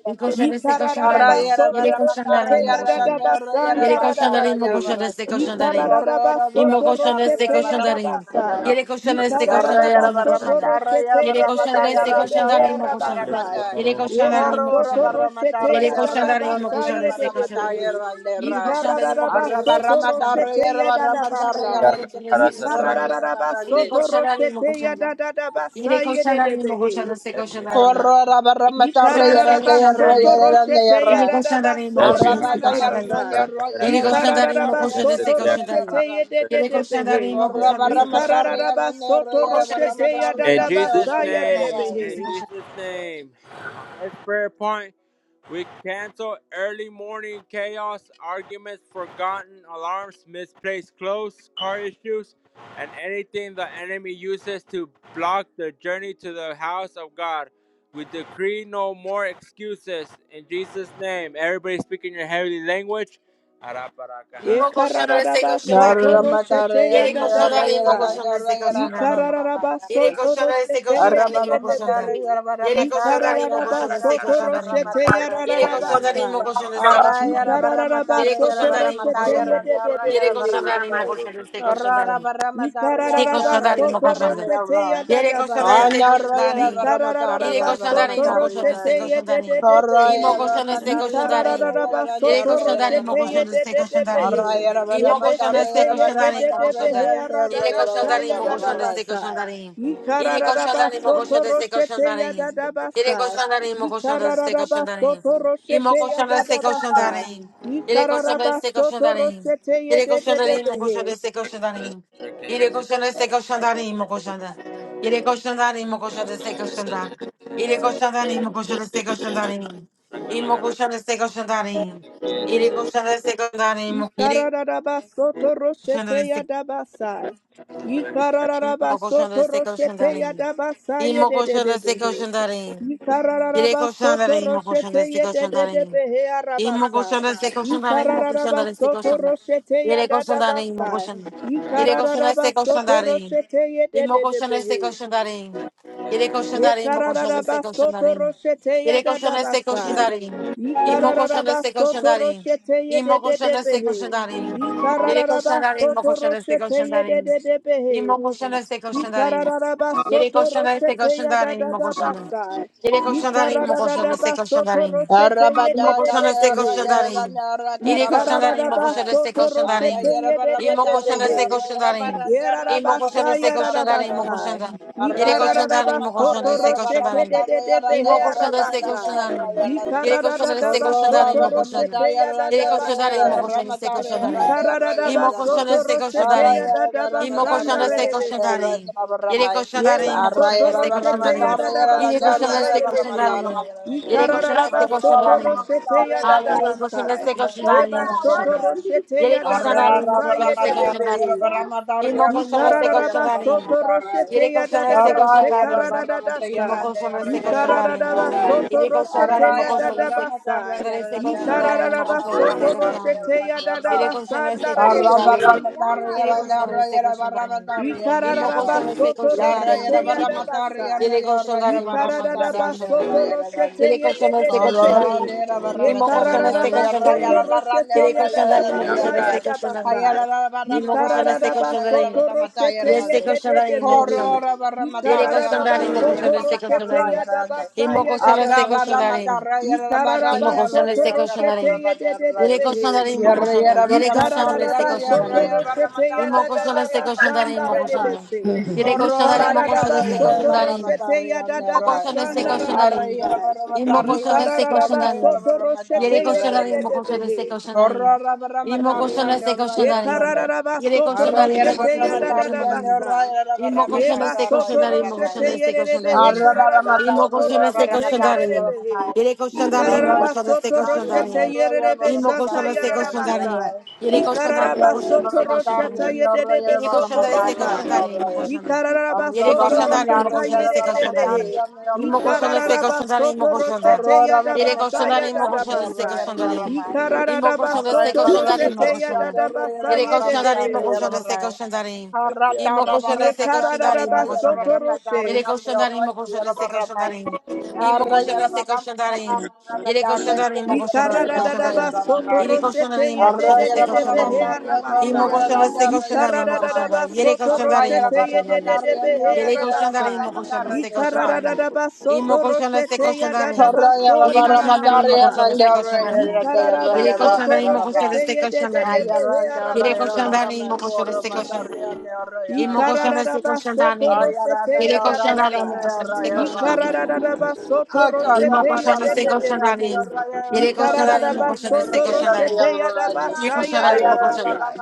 Yere koşan este koşan
Ikararaba
dani.
soto
Yere koşan dani,
roshete
imo koşan.
yadaba
Yere koşanların mı
sandararabase.
koşan destek koşanların?
Ikararaba
İmmo
soto
koşan destek
roshete yadaba
koşanların.
sai.
Yere koşan destek
Ikararaba
koşanların mı
barra
soto
koşanların?
matarra,
roshete
Yere koşan destek
yedededebehe
koşanların mı koşanların?
arabasai.
Yere
Yema
koşanların mı koşanların?
roshete
Yere
yadaba
koşanların mı koşan destek
yededebehe.
koşanların? Yere koşanların mı
Ikararaba
koşan destek
soto
koşanların?
roshete
Yere
yadaba
koşanların mı
sai.
yarra.
koşan destek
Corro,
koşanların?
yarra
Ikararaba
barra
Yere
ande.
koşanların mı
roshete
koşanların?
yadaba
Yere koşanların mı
yededebehe.
koşan destek koşanların?
Satra
Corra barra
Yere koşan
matarra yara
destek
yara
Ikararabasoto
koşanların.
yara
roshete
Yere
yara.
koşanların mı
yadadabaso
koşan
Epia
destek
Arrabada
canahara
koşanların?
yara
nananamasai.
satra
yara
cara
Yere
yara
koşan
barra
satra
darayım, o
matarra yara
cara
koşan destek
Ikararabasoto
yara
satya
koşan
yara
roshete
darayım.
barra.
satra
Yere koşan
cara
darayım,
yedededebehe.
o
Corra
satya
koşan
barra
destek koşan
matarra
darayım.
yara yara
soto
O
yara
koşan
barra
destek
roshete
koşan
matarra
In
yara
darayım.
Jesus'
yara
yadadabasa
yara
O
name,
barra.
koşan
in
destek
yadedebehe.
koşan
Jesus' name. Our next prayer point we cancel early morning chaos, arguments, forgotten alarms, misplaced clothes, car issues, and anything the enemy uses to block the journey to the house of God. We decree no more excuses in Jesus' name. Everybody speak in your heavenly language.
darayım. O koşan destek koşan
Ekararabasoto
Narra
darayım.
matarra
roshete
yara
Yere koşan
yara
darayım, o
yara yara
yadadabasai.
koşan
yara
destek koşan
yara barra
darayım.
barra
Yere
yara.
Ikararabasoto
koşan destek
roshete
koşan darayım, o koşan da.
Arabaramatara,
yedededebehe.
Yere
You're
koşan
yarabaramatara,
darayım, o
yara,
koşan
yara,
destek
Ikararabasoto
koşan darayım.
roshete
karabaramatara,
Yere
yadadaba
koşan
yararande.
darayım, o
sa.
koşan destek
Arra,
koşan darayım.
Ikararaba
yarabaramatara,
Yere
soto
koşan darayım, o
yarabaramata,
roshete
koşan da.
yarande, arra,
yedede
Yere
behe.
koşan darayım, o
yarabaramate.
koşan destek koşan darayım.
Karabaramatara,
Yere
yarande,
Ikararaba
koşan
arra,
darayım, o
soto
koşan
yarabarande,
da.
roshete ya
arra.
Yere koşanlar
dadabasa.
Ande,
este
arra,
koşandarin.
yarabaramatara,
Yere
Ikararaba soto
koşandarin mo
yarabaramatara,
koşanlar este
roshete
yarande.
ye de de
koşandarin.
de
Arra,
İmo
behe.
koşanlar este
yarabaramatara, yarande, arra,
koşandarin.
Ikararaba
yararande,
Yere
soto
arra,
koşandarin mo
roshete ye
yarabaramata.
koşanlar
de
este
de de
koşandarin.
behe.
Arra,
İmo
Yebe
koşanlar
yarabaramatara,
este
sete ye de
koşandarin
de
mo
de
yarabaramatara,
koşanlar.
behe
yarande, arra,
Yere
yararande,
aradadasha
koşandarin
ya
mo koşanlar este
karabarande.
dadabasa.
koşandarin. Yere
Ikararaba
koşandarin mo
soto
koşanlar este
roshete ya
koşandarin. Yere
dadabasa.
koşandarin mo koşanlar este
Ikararaba
koşandarin.
soto
İmo
roshete ya
koşanlar este
dadabasa.
koşandarin. Yere koşanlar
Ikararaba
este
soto
koşandarin.
roshete ye
Yere
de de de
koşandarin mo koşanlar
behe.
este koşandarin. Yere koşanlar este koşandarin mo koşanlar. Yere koşan da imo koşan destek koşan da. Yere koşan da imo koşan destek koşan da imo. İmo koşan destek koşan da imo. Yere koşan destek koşan da imo. Yere
Ikararabasoto
koşan
roshete
destek
yadabasa.
imo koşan
Ikararabasoto
destek koşan da
roshete
imo.
yadabasa
İmo koşan destek
yedededebehe.
koşan da imo. Yere koşan
Ikararabasoto
da imo koşan
roshete
destek koşan da imo.
yedededebehe
Imo
arabasa.
koşanda este koşanda ne imo koşanda este
Ikararabasoto
koşanda.
roshete
Yere koşanda ne imo
yadadabasa.
koşanda. Yere koşanda este
Ikararabasoto
koşanda ne.
roshete
Imo koşanda este
yedededebehe.
koşanda ne. Yere koşanda
Ye
ne imo koşanda este
kararaba
koşanda
soto
ne.
roshete ya
Yere
dada
koşanda este koşanda
basa.
ne.
Ye
Imo koşanda
kararaba
este
soto
koşanda ne.
roshete ye de
Imo
de de
koşanda este
behe.
koşanda ne.
Ye
Yere
kararaba
koşanda ne imo
soto
koşanda este
roshete
koşanda
ye
ne.
de de de
Imo
behe.
koşanda este
Ye
koşanda ne.
kararaba
Yere
soto
koşanda este
roshete ya
koşanda ne
dada
imo koşanda. Yere
Ye
koşanda ne imo koşanda este
kararaba
koşanda
soto
ne.
roshete ye de de de
Immokoshana seko
behe.
shandarin.
Ye
Ireko shandarin,
kararaba
immokoshana seko
soto
shandarin.
roshete ye de de de
Immokoshana
behe.
seko shandarin. Immokoshana
Yerarabasai,
seko shandarin,
Arabada
yararabasai.
immokoshana. Ireko
Arrayara
shandarin, immokoshana
Ikararabasoto
barramatarrayara
seko
rosheke
shandarin.
de de de behe
barramatarrayarandayarra
Immokoshana seko
arabasai.
shandarin.
yarandayarrayarande.
Ireko shandarin seko
Korrora
shandarin,
Ikarararabasoto
immokoshana.
roshete
Ireko shandarin,
barramatayarandayarrayara
yadadabasai.
immokoshana seko shandarin.
barramatarrayarandayarrayarande.
Immokoshana
Ikarararabasoto
seko
roshete
shandarin.
Arrayara
yadadabasanda
Immokoshana seko
redebese.
shandarin.
barramatarrayarandayarrayara barramay.
Ireko shandarin,
Yebasoto
immokoshana
Arrayara
seko
roshete
shandarin. Ireko
yadadabasanda
shandarin
barramatarrayarandayarrayara
seko
redebese.
shandarin.
barramatarrayarande.
Ireko shandarin seko
Korrora
Ikarararabasoto
shandarin.
roshete
barramatarrayara
Hallelujah. Koshanda
yadadabasai.
se koshanda ni koshanda.
Yebasoto
barramatarrayarandayarrayarande.
roshete
Arra
Yere koshanda ni mo
yadadabasai
koshanda se koshanda ni.
yededebehe.
Imo koshanda se
Ikararaba
koshanda ni.
soto
Yere
roshete ya da
koshanda
da
se
da
koshanda ni.
shekararada da da
Imo
shai.
koshanda se koshanda ni.
Ikararaba soto
Yere koshanda ni
roshete
mo
ya
Arraya
da
koshanda
da
se
basai.
ramatarraya
koshanda se koshanda
randarraya
ni mo
Ikararaba
koshanda se
soto
koshanda
ramatarraya
ni.
roshete ya da da
Yere
randarraya.
koshanda se
basanda
koshanda
rebehe.
ni.
Arrabaramatari
Yere koshanda se
randarraya
koshanda ni.
ramatarraya
Imo
yarra.
koshanda se
Ikararabasoto
koshanda ni
Yarraya
mo
roshete
koshanda.
ramatarraya
yadabasai.
Yere koshanda
randarraya
ni mo koshanda
ramatarraya
se koshanda ni.
Ikararabasoto
randarraya
roshete
Yere
randarraya.
koşana destek
yedededebehe.
koşanların. İmo
Arrabaramatari
koşana destek
randarraya
Yekararabasoto
koşanların.
roshete
Yere
randarraya
koşanların imo koşana
yadabasai
destek
randarraya.
koşanların.
yadabasai.
Hayarara
İmo koşana
barramatara
destek
nyorra yara
Ikararabasoto
koşanların.
barramata
roshete
yara
Yeste
rande.
koşanların imo koşana.
yedededebehe.
Horora
Yere
barramatara yara
koşanların imo
nyorra yara
koşana
Ikararabasoto
barra
destek
roshete
yara
koşanların.
yara rande.
yadabasai
İmo koşana
Horror
destek
of a
yadabasai.
koşanların.
Ramatari
İmo koşana
Ikararabasoto
destek
roshete
koşanların. Yere
yedededebehe.
koşanların imo koşana. Yere koşana destek
Ikararaba soto
koşanların.
roshete ya
İmo
da da
koşana
da
destek
ba
koşanların
sanda
imo koşana.
rebese.
Yere koşanların imo koşana
Ikararaba
destek
soto
koşanların.
roshete ya da da ba
Mocoxão desse
sanda
colchão darim.
rarabasa.
E mocoxão desse colchão
Ikararaba
darim.
soto
E ele
roshete ye
colchão
de
darim,
de de
mocoxão desse
behe.
colchão darim. E mocoxão
and
desse colchão
Ye
your
darim.
kararaba
E ele
soto
colchão darim,
Arrayera
mocoxão
roshete
barra
ya
desse
da da
colchão
da
matarriande,
darim.
basa.
arrayera
E
barra
Ye
mocoxão
matacca,
desse colchão
basoto soto
arrayera
darim, mocoxão
roshete
barrande.
desse colchão
yerebe he
darim.
Arra barra
kararaba
E
soto
mocoxão
matarriera
desse
barra
roshete
colchão
matarriera
darim.
yerebe
manai.
he.
E ele colchão
Ye
darim,
Arrayera
kararaba
mocoxão
barra
desse
soto
colchão darim.
matarriande,
roshete
arrayera
yerebe
E
barra
mocoxão
santa
desse
matarriera
colchão darim.
yararabasa.
array.
E ele
Ye
colchão darim,
kararaba
Arrayera
mocoxão
soto
barra
desse colchão
roshete
darim.
matarriande,
E
yerebe
arrayera
ele
barra
colchão
soto
desse colchão
matarriande,
roshai.
darim,
array.
mocoxão darim.
Ikararaba
Arra
Yere
soto
barra
koşan darim, mo
roshata
koşan
matarriera
este
barra
koşan
yererebehe.
matarriande,
Imo
arrayera
koşanda
barra
se
matar.
Ikararaba
koşanda
soto
imo koşanda.
roshete
Arrora barra
Yere
yadabasa
koşanda imo
matarriera,
koşanda se
yadadabasa.
arrayera
koşanda
barra
imo
mai.
İmo
Ikararaba
koşanda
Array
se
soto
barra
koşanda
speaking.
imo
roshete
matarri
koşanda.
andorra
yadadabasa
yara
Yere
barra
koşanda
about
imo
matarri
yererebehe.
yara
koşanda se
barra.
koşanda imo
Karra
İmo
tarra barra
koşanda se koşanda
matarra
imo
Ikararaba
yara
koşanda.
soto
barra matarri
roshe.
Yere koşanda
andorra
imo koşanda
yara
se
barra
koşanda
mai.
imo İmo
Array
koşanda
yara
se
barra
koşanda
matarra
imo.
barra
Yere
matarri
koşanda imo koşanda
yara
se
andorra
koşanda imo.
Ikaradadadaba
yara
soto
Yere
barra.
koşanda
roshete
imo
Array
koşanda se
yara barra
koşanda
yedededebe he
imo
matarri andorra
İmo
arabasai.
yara
koşanda se
andorra
koşanda
yara
imo
barra mai.
koşanda.
Ikaradadadaba
Yere
soto
koşanda
Array
imo
yara
roshete
barra
koşanda. imo.
matarri
yedededebe he
andorra
Yere
yara
koşanda
barra
arabasai.
imo koşanda
matarri
se koşanda
yara.
imo.
Ikaradadadaba
Imo
soto
koşanda se
roshete
koşandarin.
yadadaba so
İri koşandarin imo
nananamasai.
koşanda se koşandarin.
Ikararaba
İri
soto
koşandarin imo koşanda
roshete
se koşandarin.
yedededebe he
İri
arabasai.
koşandarin imo koşanda se koşandarin. İmo koşanda se
Ikararaba soto
koşandarin.
rosete ya
İri koşandarin imo
dabasa.
koşanda se
Ay,
koşandarin.
Ikararaba soto
Corro,
İmo
tarra,
rosete ye
koşanda
de
se
de
matarre,
de behe.
koşandarin. İri koşandarin imo
Ikararaba
koşanda se
soto rosete
koşandarin.
ya
İri
dabasa ya
koşandarin imo koşanda.
dabasa.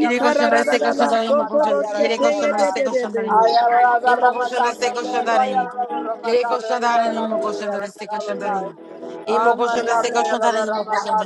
İri koşandarin se koşandarin imo
soto
koşanda. İri
rosete ye
koşandarin
de
se
de de
koşandarin.
behe.
Imo koşanda se koşandarin. Yere koşandarin imo koşanda se koşandarin. Imo koşanda se koşandarin imo koşanda.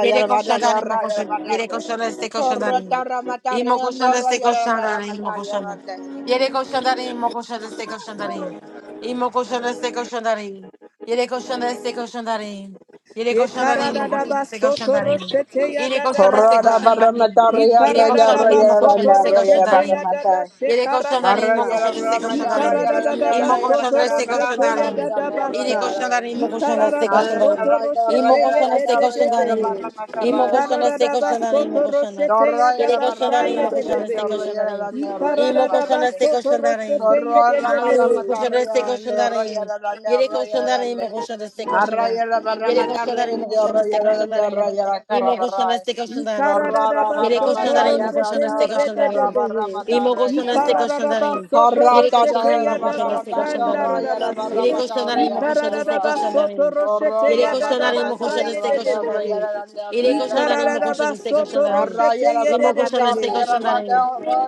Yere koşandarin imo koşanda. Yere koşanda se koşandarin. Imo
ando,
koşanda se
rollo, barra,
koşandarin imo
matarre,
koşanda.
ande.
Yere koşandarin imo koşanda se koşandarin. Imo koşanda se koşandarin. Yere koşanda se koşandarin. Yere
Ye
koşandarin imo
karadada
koşanda se
basoto
koşandarin.
roshete ya
Yere
dada
koşanda se
Corona
basai.
koşandarin.
barramata
Ye
Yere
rayala
karadada
koşandarin imo
rayala
koşanda
basoto
se
rayala
roshete ya
koşandarin.
dada
barramata.
Ele
shekarada
coxandarim, mo
sai.
Arrayala
coxandarim, se
Ye
barramata
coxandarim.
rayala
karadada
Imo
rayala
basoto
coxandarim, se
roshete
carabaramata
ya
coxandarim.
dada
Ele
basai.
rayala
coxandarim, mo
Ye
coxandarim,
karadada
se coxandarim.
basoto
Imo
roshete ye
coxandarim,
de
se
de de
coxandarim.
behe. Ye
Imo coxandarim, se
karadada
rayala
coxandarim, mo
basoto
coxandarim.
roshete ya dada
Ele
Torroyera barra
basai
coxandarim,
ye
mo
de de
matarria,
coxandarim, se
behe.
coxandarim.
ñorroyera,
Ye
ñorroyera,
Imo
karadada
coxandarim,
barrande.
se
basoto
coxandarim.
roshete ye de
Horrorra
de
barra
Aleluia,
behe.
coxandarim,
matarria
se
ande,
coxandarim.
horroiara ande,
Ele
horroiara
coxandarim,
ande.
mo coxandarim, se coxandarim.
Arraiara barra
Ele
matarria
coxandarim, mo
ande,
coxandarim, se
horroiara ande,
coxandarim.
horroiara
Imo
karra barrai.
coxandarim, se coxandarim.
Horrorra
Ikararaba
Ele
barra
soto
coxandarim,
matarria
mo
roshete
ande,
coxandarim, se
horroiara
coxandarim.
barra
yedededebe.
Imo
matarria
koşan
ande,
destek
horroi.
koşan
Ikararaba
darayım.
soto
Yere
Horrata
koşan
roshete
darayım,
daera
imo
barra
koşan
yadaba
destek
mataka,
koşan darayım.
horroiara barra
Yere
sandarabase.
koşan darayım,
matarria
imo
ande,
koşan destek
horroi.
Ikararaba
koşan
soto
darayım.
roshete
Yere
Horrorra
koşan
barra
darayım,
yadaba
imo koşan
matarria
destek
ande,
koşan darayım.
sayededebe.
horroiara ande,
Yere
horroiara
koşan darayım,
barra
imo
bai.
koşan
Ikararaba
destek koşan
soto
darayım.
Arroyo
roshete
la barra
Imo koşan
matar,
destek
yededebe.
la
koşan
barra
darayım.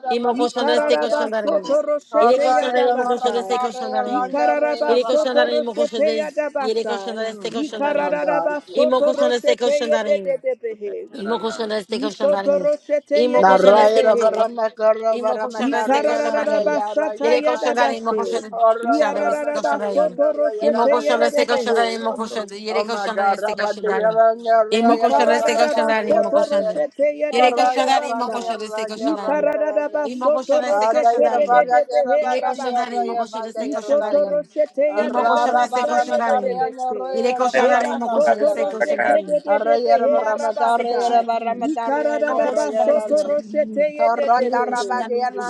la
Imo
barra
koşan
matar,
destek
Ikararaba
koşan darayım.
soto
Yere
roshete
koşan
Arroyo
darayım,
la
imo
yadaba
barra
koşan
sa.
destek
matar,
koşan darayım.
Ikararaba
la
Yere
barra
koşan
soto
matar.
darayım, imo koşan
roshete
destek
yadaba
Yere
sa.
koşan destek
My God.
Ikararaba
İmo
soto
koşan destek
roshete
koşan darayım.
yedededebe.
İmo koşan destek koşan
Isoto
darayım.
roshete
İmo koşan
yedede
destek
Narayana
koşan
behe.
darayım.
Brahmakara
Imo koshana este
Brahmatarayana
Ikararara
koshandarin.
Yara
basata
Yere koshandarin
Yarane
imo
yadadashe.
koshana
Ora
este
Iararara
koshandarin.
Brahmatarayana
basoto
Rayana
Imo
roshete
koshana
yedede
este
Rayana
koshandarin
behe.
imo
Barane
koshanda. Yere
Oh my
koshandarin
God,
este koshandarin.
Rabadiyana
Imo
Rayana
koshana este koshandarin imo
Ikararabasoto
koshanda.
Brahmatarayana
roshete
Yere
Ora
koshandarin imo
yadadadabasa.
koshana este
Yabadiyana
koshandarin.
Rayana
Imo
Ikararabasoto
koshana este
roshete
Adayana
koshandarin.
Barayana
dededebehe
Yere
Barane
koshandarin
Ora
arabasi.
imo koshana este
Yabadiyana
Isoto
Rayana
koshandarin.
Arra
roshete
Imo koshana este
yadadabasa
koshandarin.
yededebese.
Yere koshandarin imo koshana
Yebasoto
este
I
rosheke
koshandarin.
dededebehe
Imo
arabasa. Ikararabasoto roshete yededebehe.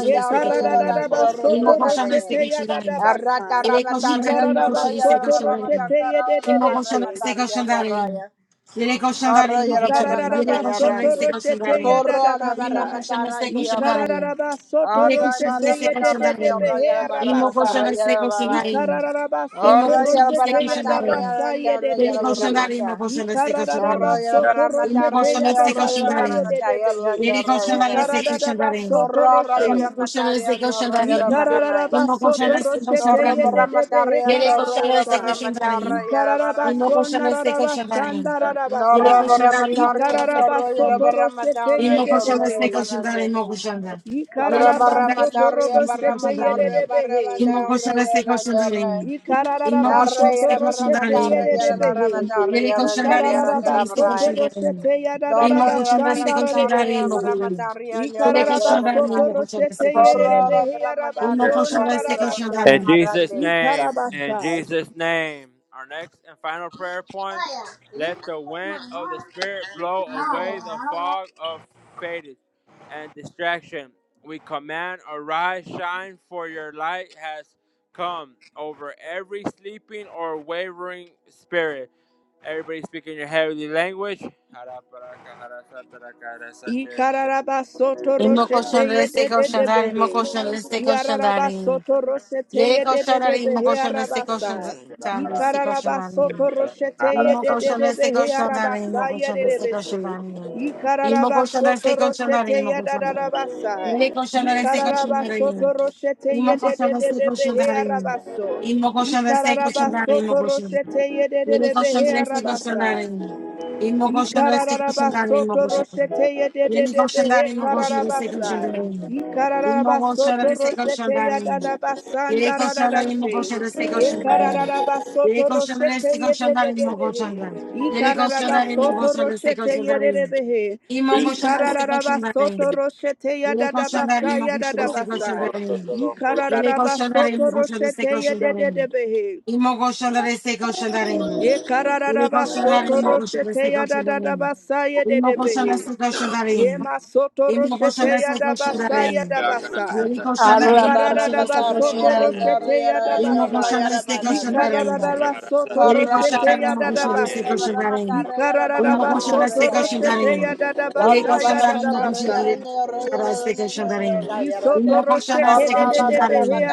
Yekararabasoto roshete yadadabasa. Ikararabasoto roshete yedededeshe.
Corro y la barra mata
Ikararaba soto
agarrando.
roshete ya
Corro a la
dadabasa.
barra matar a India Raya.
Ikararaba soto
Imo
Ahora
koşan
roshete
barra
ise
ye
matar
koşan
a India
dededebe
darin.
he
Raya, barra
Imo
arabasa.
matar a
koşan
India
ise koşan
Raya.
darin.
Ikararaba soto
Imo
Ahora ya
koşan
la
ise
roshete
barra
ya
koşan
matar
darin.
a
dabasa ye
India
de
Raya,
Yeri
la barra
koşan
he.
darin, imo
matar.
koşan ise koşan
Ikararaba
Corro
darin.
y la
soto
barra
Imo
matar a
roshete
koşan
ya
India
ise
Raya,
koşan
la
dabasa
barra
ye
darin.
matar
de
a
he.
India
Yeri koşan darin
Raya.
ise koşan
Ikararaba
darin.
soto
Corro a la
roshe.
barra
Imo koşan
matar a
ise
India
koşan
Raya, la
darin.
barra matar.
Imo
Ikararabasoto
koşan ise koşan
roshete
Corro barra
darin.
matar
yededebehe
a
Yeri
India Raya,
koşan
la
ise
kararabasai.
barra
koşan
matar a
darin.
India
Imo
Raya.
koşan ise koşan darin. Yeri
Horror of
Ikararabasonararabashandararabasai.
koşan darin, imo koşan
Ramadaria,
ise koşan darin.
Ikararabasoto roshete
İmo koşanda se
yededebehe.
koşanda imo koşanda. Yeri
Horror
koşanda
Ikararabasoto
imo koşanda se
roboshete
koşanda imo.
yededebehe.
İmo koşanda se koşanda imo. İmo
Ikararaba
koşanda
soto
se koşanda
roshete
imo koşanda.
yererebehe.
Yeri koşanda imo
Ikararaba
koşanda se
soto
koşanda imo.
roshete
İmo
yadararaba
koşanda se koşanda
sandarerebehe.
imo
of
koşanda. Yeri
Ikararaba
koşanda
soto
imo koşanda se
roshete
koşanda imo.
yererebehe yaraba
İmo koşanda se
sonararabasa.
koşanda
In
imo.
Jesus'
Ramadaria,
name, in
Ikarabasha.
Jesus' name, our next and final prayer point let the wind of the Spirit blow away the fog of faded and distraction. We command, arise, shine, for your light has come over every sleeping or wavering spirit. Everybody speaking your heavenly language.
Ikararaba soto
İmo
roshete
koşanda se
yede de de de
koşanda imo
behe.
koşanda se koşanda
Iararaba
imo.
soto roshete
Yeri
yede de
koşanda
de de
imo
behe
koşanda se
arabasa. Ikararaba
koşanda
soto roshete
Imo
yede de de
colchão da
de
este
behe
colchão da areia, imo
arabasa
colchão
yede
da
de de
este colchão da
bese.
areia. Imo
Ikararaba
colchão da
soto
este colchão da areia,
roshete
imo
yada
colchão
da
da
da da
areia.
basa.
Ele colchão da este colchão da
Ikararaba soto
areia.
roshete
Imo
yede de
colchão
de
da
de
este
de
colchão da
behe
areia.
arabaso.
Imo colchão da este colchão
Ikararaba
da areia, imo
soto
colchão da areia.
roshete yede de
Ele
de de
colchão
behe
da este colchão da
arabasa.
areia. Imo colchão da este colchão da areia, imo
Ikararabasoto
colchão da areia.
roshete
Ele colchão da
yedededebehe
areia, imo colchão da este colchão da
kararabasai.
areia. Imo colchão
Ikararabasoto
da este colchão
roshete
da areia. Ele colchão da areia, imo
yadadabasandaradadashe.
colchão da este colchão da areia.
Yekararabasoto
Yere koşanlar,
roshete
este koşanlar, imo
yedededebehe.
koşanlar. Yere koşanlar, imo
Ikararabasoto
koşanlar, este
roshete
koşanlar, imo.
yedededebehe.
İmo koşanlar, este koşanlar,
Ikararabasoto
imo.
roshete
Yere koşanlar,
yadadabasai
imo koşanlar, este
yadadabasai.
koşanlar, imo. Yere koşanlar,
Ikararabasoto
imo koşanlar, este
roshete
koşanlar, imo.
yedededebehe.
İmo koşanlar, este koşanlar, imo.
Ye
Yere
kararaba
koşanlar,
soto
imo koşanlar, este
roshete ya da
koşanlar,
da da
imo.
basa ye de
İmo
de
koşanlar,
behe.
este koşanlar,
Ye
imo.
masoto
İmo koşanlar,
roshete ya
este
da
koşanlar,
basa ya
imo.
da basa.
Yere
Corra, Torro
Ye
koşanlar,
la
imo koşanlar,
kararada
este
soto
koşanlar, imo.
roshete ya da
İmo
basa.
koşanlar, este
Ye
koşanlar, imo.
kararada soto
Yere
roshete
koşanların
barra
ya
mı
da da
koşuyor,
matar y
destek
el
basi.
barra
Ye
koşanların.
matar y el
Ünlü
kararada
koşuyor,
soto
destek
roshete ya
koşanların.
da da
Yere
basa ya da
koşanların
da
mı koşuyor,
basa.
destek koşanların.
Ye soto
Ünlü koşuyor,
roshete
destek
de de de behe
koşanların.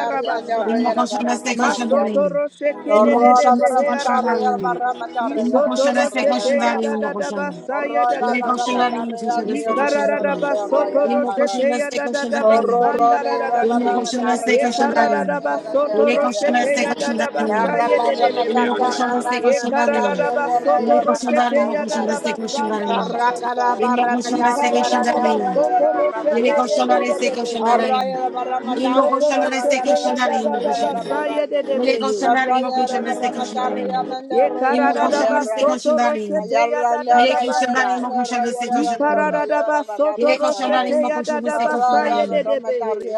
Ünlü koşuyor, destek
Masoto
koşanların.
roche
Ünlü
kede de de
koşuyor, destek
behe
koşanların.
arabasi.
barra
Ünlü
Isoto
koşuyor, destek
roshe te
koşanların.
ya da
matar.
Ünlü
da da
koşuyor.
basa ya
Horror
da
la
da
Yere
barra me
basa.
está
koşanların mı koşuyor,
regando y
destek
horror y
Ikarada da
la
da
koşanların.
banda, horror y
basoto
la
Ünlü
roshe
barra.
koşuyor,
te ya
destek
da da da
Horror,
koşanların.
basanda
horror
da
y
da
la
da
Ünlü
barra me
she.
koşuyor,
está
destek
regando,
Ekarada
horror
da da
koşanların.
y la banda,
basoto
Yere
horror y la
roshe
koşuyor,
te
banda.
ya
destek
da da basa
koşanların.
La
ye de
barra
de
me
de
está
Inmo
behe.
koşanda se
cargando, me
Ekarada
está
da
koşandarim.
da
riendo, horror y
basoto
Yeri
la barra
roshe
me está
koşandarim
te
mo
ya da
koşanda
da
riendo.
se
basanda da
koşandarim.
da
Horror, cara,
basa.
İnmo
barra me está
koşanda se
Ikarada da da
regando, horror
koşandarim.
y la
basoto
barra
roshe
me
Yeri
te
está
ye de
riendo.
koşandarim
de
se
de behe.
Horror y
koşandarim.
la barra me está
İnmo
riendo,
Isotoro
koşanda
horror y
se
la
shete ya
banda,
da
koşandarim
da
horror
mo
y
da
la
koşanda.
basa
barra.
ye de de
Yeri
behe.
koşandarim mo
Arroyo
koşanda
para
se
matar, arroyo
koşandarim.
para matar,
Ye
arroyo
İnmo
karada da
koşanda se
basoto
koşandarim.
roshete ya da da
Yeri
da
koşandarim
basa.
mo koşanda se
Ye
koşandarim.
karada da basoto
Yeri koşandarim
roshete
mo
ya da
koşanda
da
se
basa ye de
koşandarim.
de behe.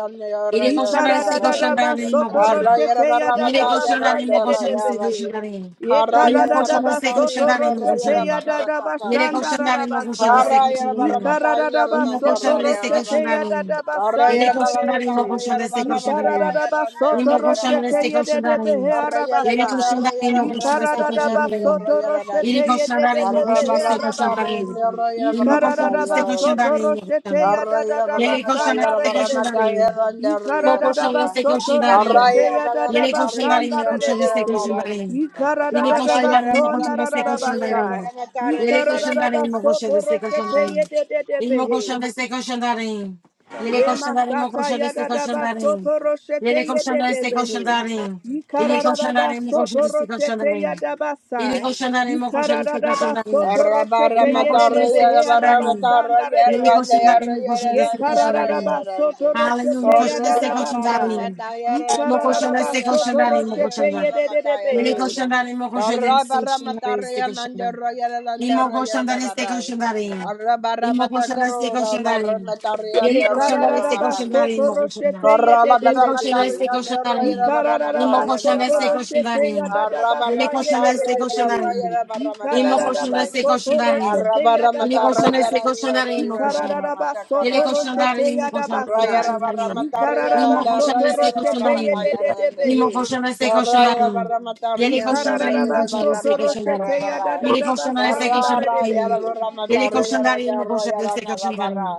Yeri koşandarim se
Yikaradadaba
koşandarim mo
soto
koşanda.
roshete
Yeri
yadadaba
koşandarim
saye
mo koşanda se
dedebehe.
koşandarim. İnmo
para
koşanda
Yekaradadaba
se
matar,
soto
koşandarim mo
roshete
koşanda.
yadadaba
Yere koşanlar
shandaradaba
imo koşan
saye.
destek koşanların.
Yikaradadaba
İmo koşan
soto
destek
roshete
koşanların.
yadadaba
Yere koşanlar imo
sandarelese.
koşan
arroyo
destek
para
koşanların.
Yikaradadaba soto
İmo koşan
roshete
matar.
destek koşanların.
yededebehe
Arroyo,
Yere
arabasai.
koşanlar imo koşan destek
Yikaradadaba
koşanların.
soto roshete
Yere koşanlar imo koşan
yededebehe
destek
arabasi.
koşanların. İmo koşan
Yikaradadaba
destek
soto
koşanların.
roshete yadadaba
Yere koşanlar destek
sandaredebese.
koşanların. İmo
Ikarada
koşan destek koşanların.
Ikarada da da
Ele continuará
basanda
me continuando se
rebese.
continuarem.
Ikarada
Ele
da da
continuará me
basona
continuando
da
se
da ya
continuarem. Ele continuará
Ikaradadaba
me continuando
sotoro
se
sete da sandaradebese. Ikaradadaba
continuarem.
ye de de de
Ele me
yedededebehe.
continuando se continuarem. Ele
Ye
continuará me
masata
continuando
ya
se
da da ba
continuarem.
soto roshete
Ele
ye de
continuará
de
se
behe.
continuarem. Ele
Ikararada
continuará me
soto
continuando se
roshete ya
continuarem.
da ba
Ele
sai.
continuará me continuando se
Ikararada
continuarem.
soto
Arra barra
Ele
roshete
me
ye de de
continuando
matakaro,
se
behe
barra
continuarem.
arabasanda re de
Ele continuará
bese.
me continuando
Ye
se
kararada
continuarem.
soto
Hallelujah.
roshete ya da
Koşaneste
da ba sai.
koşandarim. Mo koşaneste
soto
koşandarim mo
roshete
koşanda.
ye de de
Mele
behe.
koşandarim mo koşandarim koşandarim
matarian,
koşandarim. Imo koşanlar este koşanlarım. İmo koşanlar este koşanlarım. Yere koşanlar
barra
este
Ikararaba
barra.
koşanlarım
soto
imo koşanlar.
roshete
Corrola
Yere
barra
koşanlar
yedededebehe.
este
matarria neurra ira
koşanlarım.
barra
İmo
Ikararaba
matarria
koşanlar
soto
neurra.
este
roshete
koşanlarım.
Arra barra
yadadabasa
Yere koşanlar
matarra
este
neurra
yedededebehe.
koşanlarım.
ira barra
İmo
matarria
koşanlar
Ikararaba
grande.
este
soto
koşanlarım.
Arra
roshete
barra
Yere
matarra
koşanlar
yadabasa.
este
ira
koşanlarım
neurra
imo
ira
koşanlar.
barra
Ikararaba
matacarra
Yere
soto
koşanlar
grande.
roshete
imo koşanlar
Arra
este
yadabasa.
ira barra
koşanlarım.
matarria
Ikararaba
İmo
neurra
koşanlar
soto
ira
este
barra
roshete
koşanlarım.
matarria grande.
Mimo
yedededebehe.
koşana destek
Arra ira
koşanlarım.
barra
Yele
matarria
koşanlara
neurra
yimo
ira
Ikararaba
koşana
barra
soto
destek
matacarra
koşanlarım.
roshete ya da
grande.
da
Yele
da
koşana
basa
destek
ndare de
Carrara yara
koşanlarım.
ndaredebehe.
Yele
ramatarra yara
koşanlara yimo
yara
koşana
yara
destek
carramara.
koşanlarım.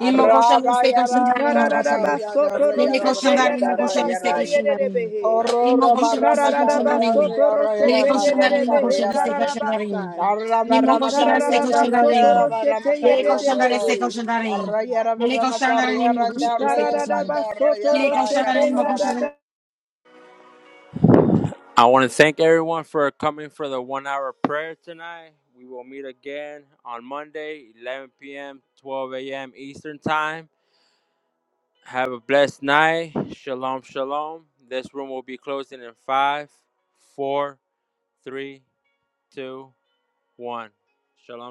Yimo koşana
Arrara
destek
yara
koşanlarım yimo koşana.
ramatarra
Ikararaba Ikararabasoto
yara
Yele
yara
roshete
koşanlara yimo
ramatarra
koşana
yara.
destek
yadadabasa
koşanlarım.
yederebehe.
Horro
Yimo koşana destek
ramatarra
koşanlarım.
yara
Ikararabasoto
Yele
yara
roshete
koşanlara yimo
ramatarra
yederebehe
koşana
yara.
destek koşanlarım.
kararabasa.
Arra
Yimo koşana destek
ramatarra yara
Ikararabasoto
yara
koşanlarım.
roshete
Yele
ramatarra
koşanlara
yara.
destek
yerebehe.
koşanlarım.
Arra yara
Yele koşanlara
ramatarra
yimo
yara
koşana destek
Ikararaba
koşanlarım.
yara yara
soto
Yele
yara
koşanlara
roshete
yimo koşana
carramara.
yadada.
I want to thank everyone for coming for the one hour prayer tonight. We will meet again on Monday, 11 p.m., 12 a.m. Eastern Time. Have a blessed night. Shalom, shalom. This room will be closing in five, four, three, two, one. Shalom.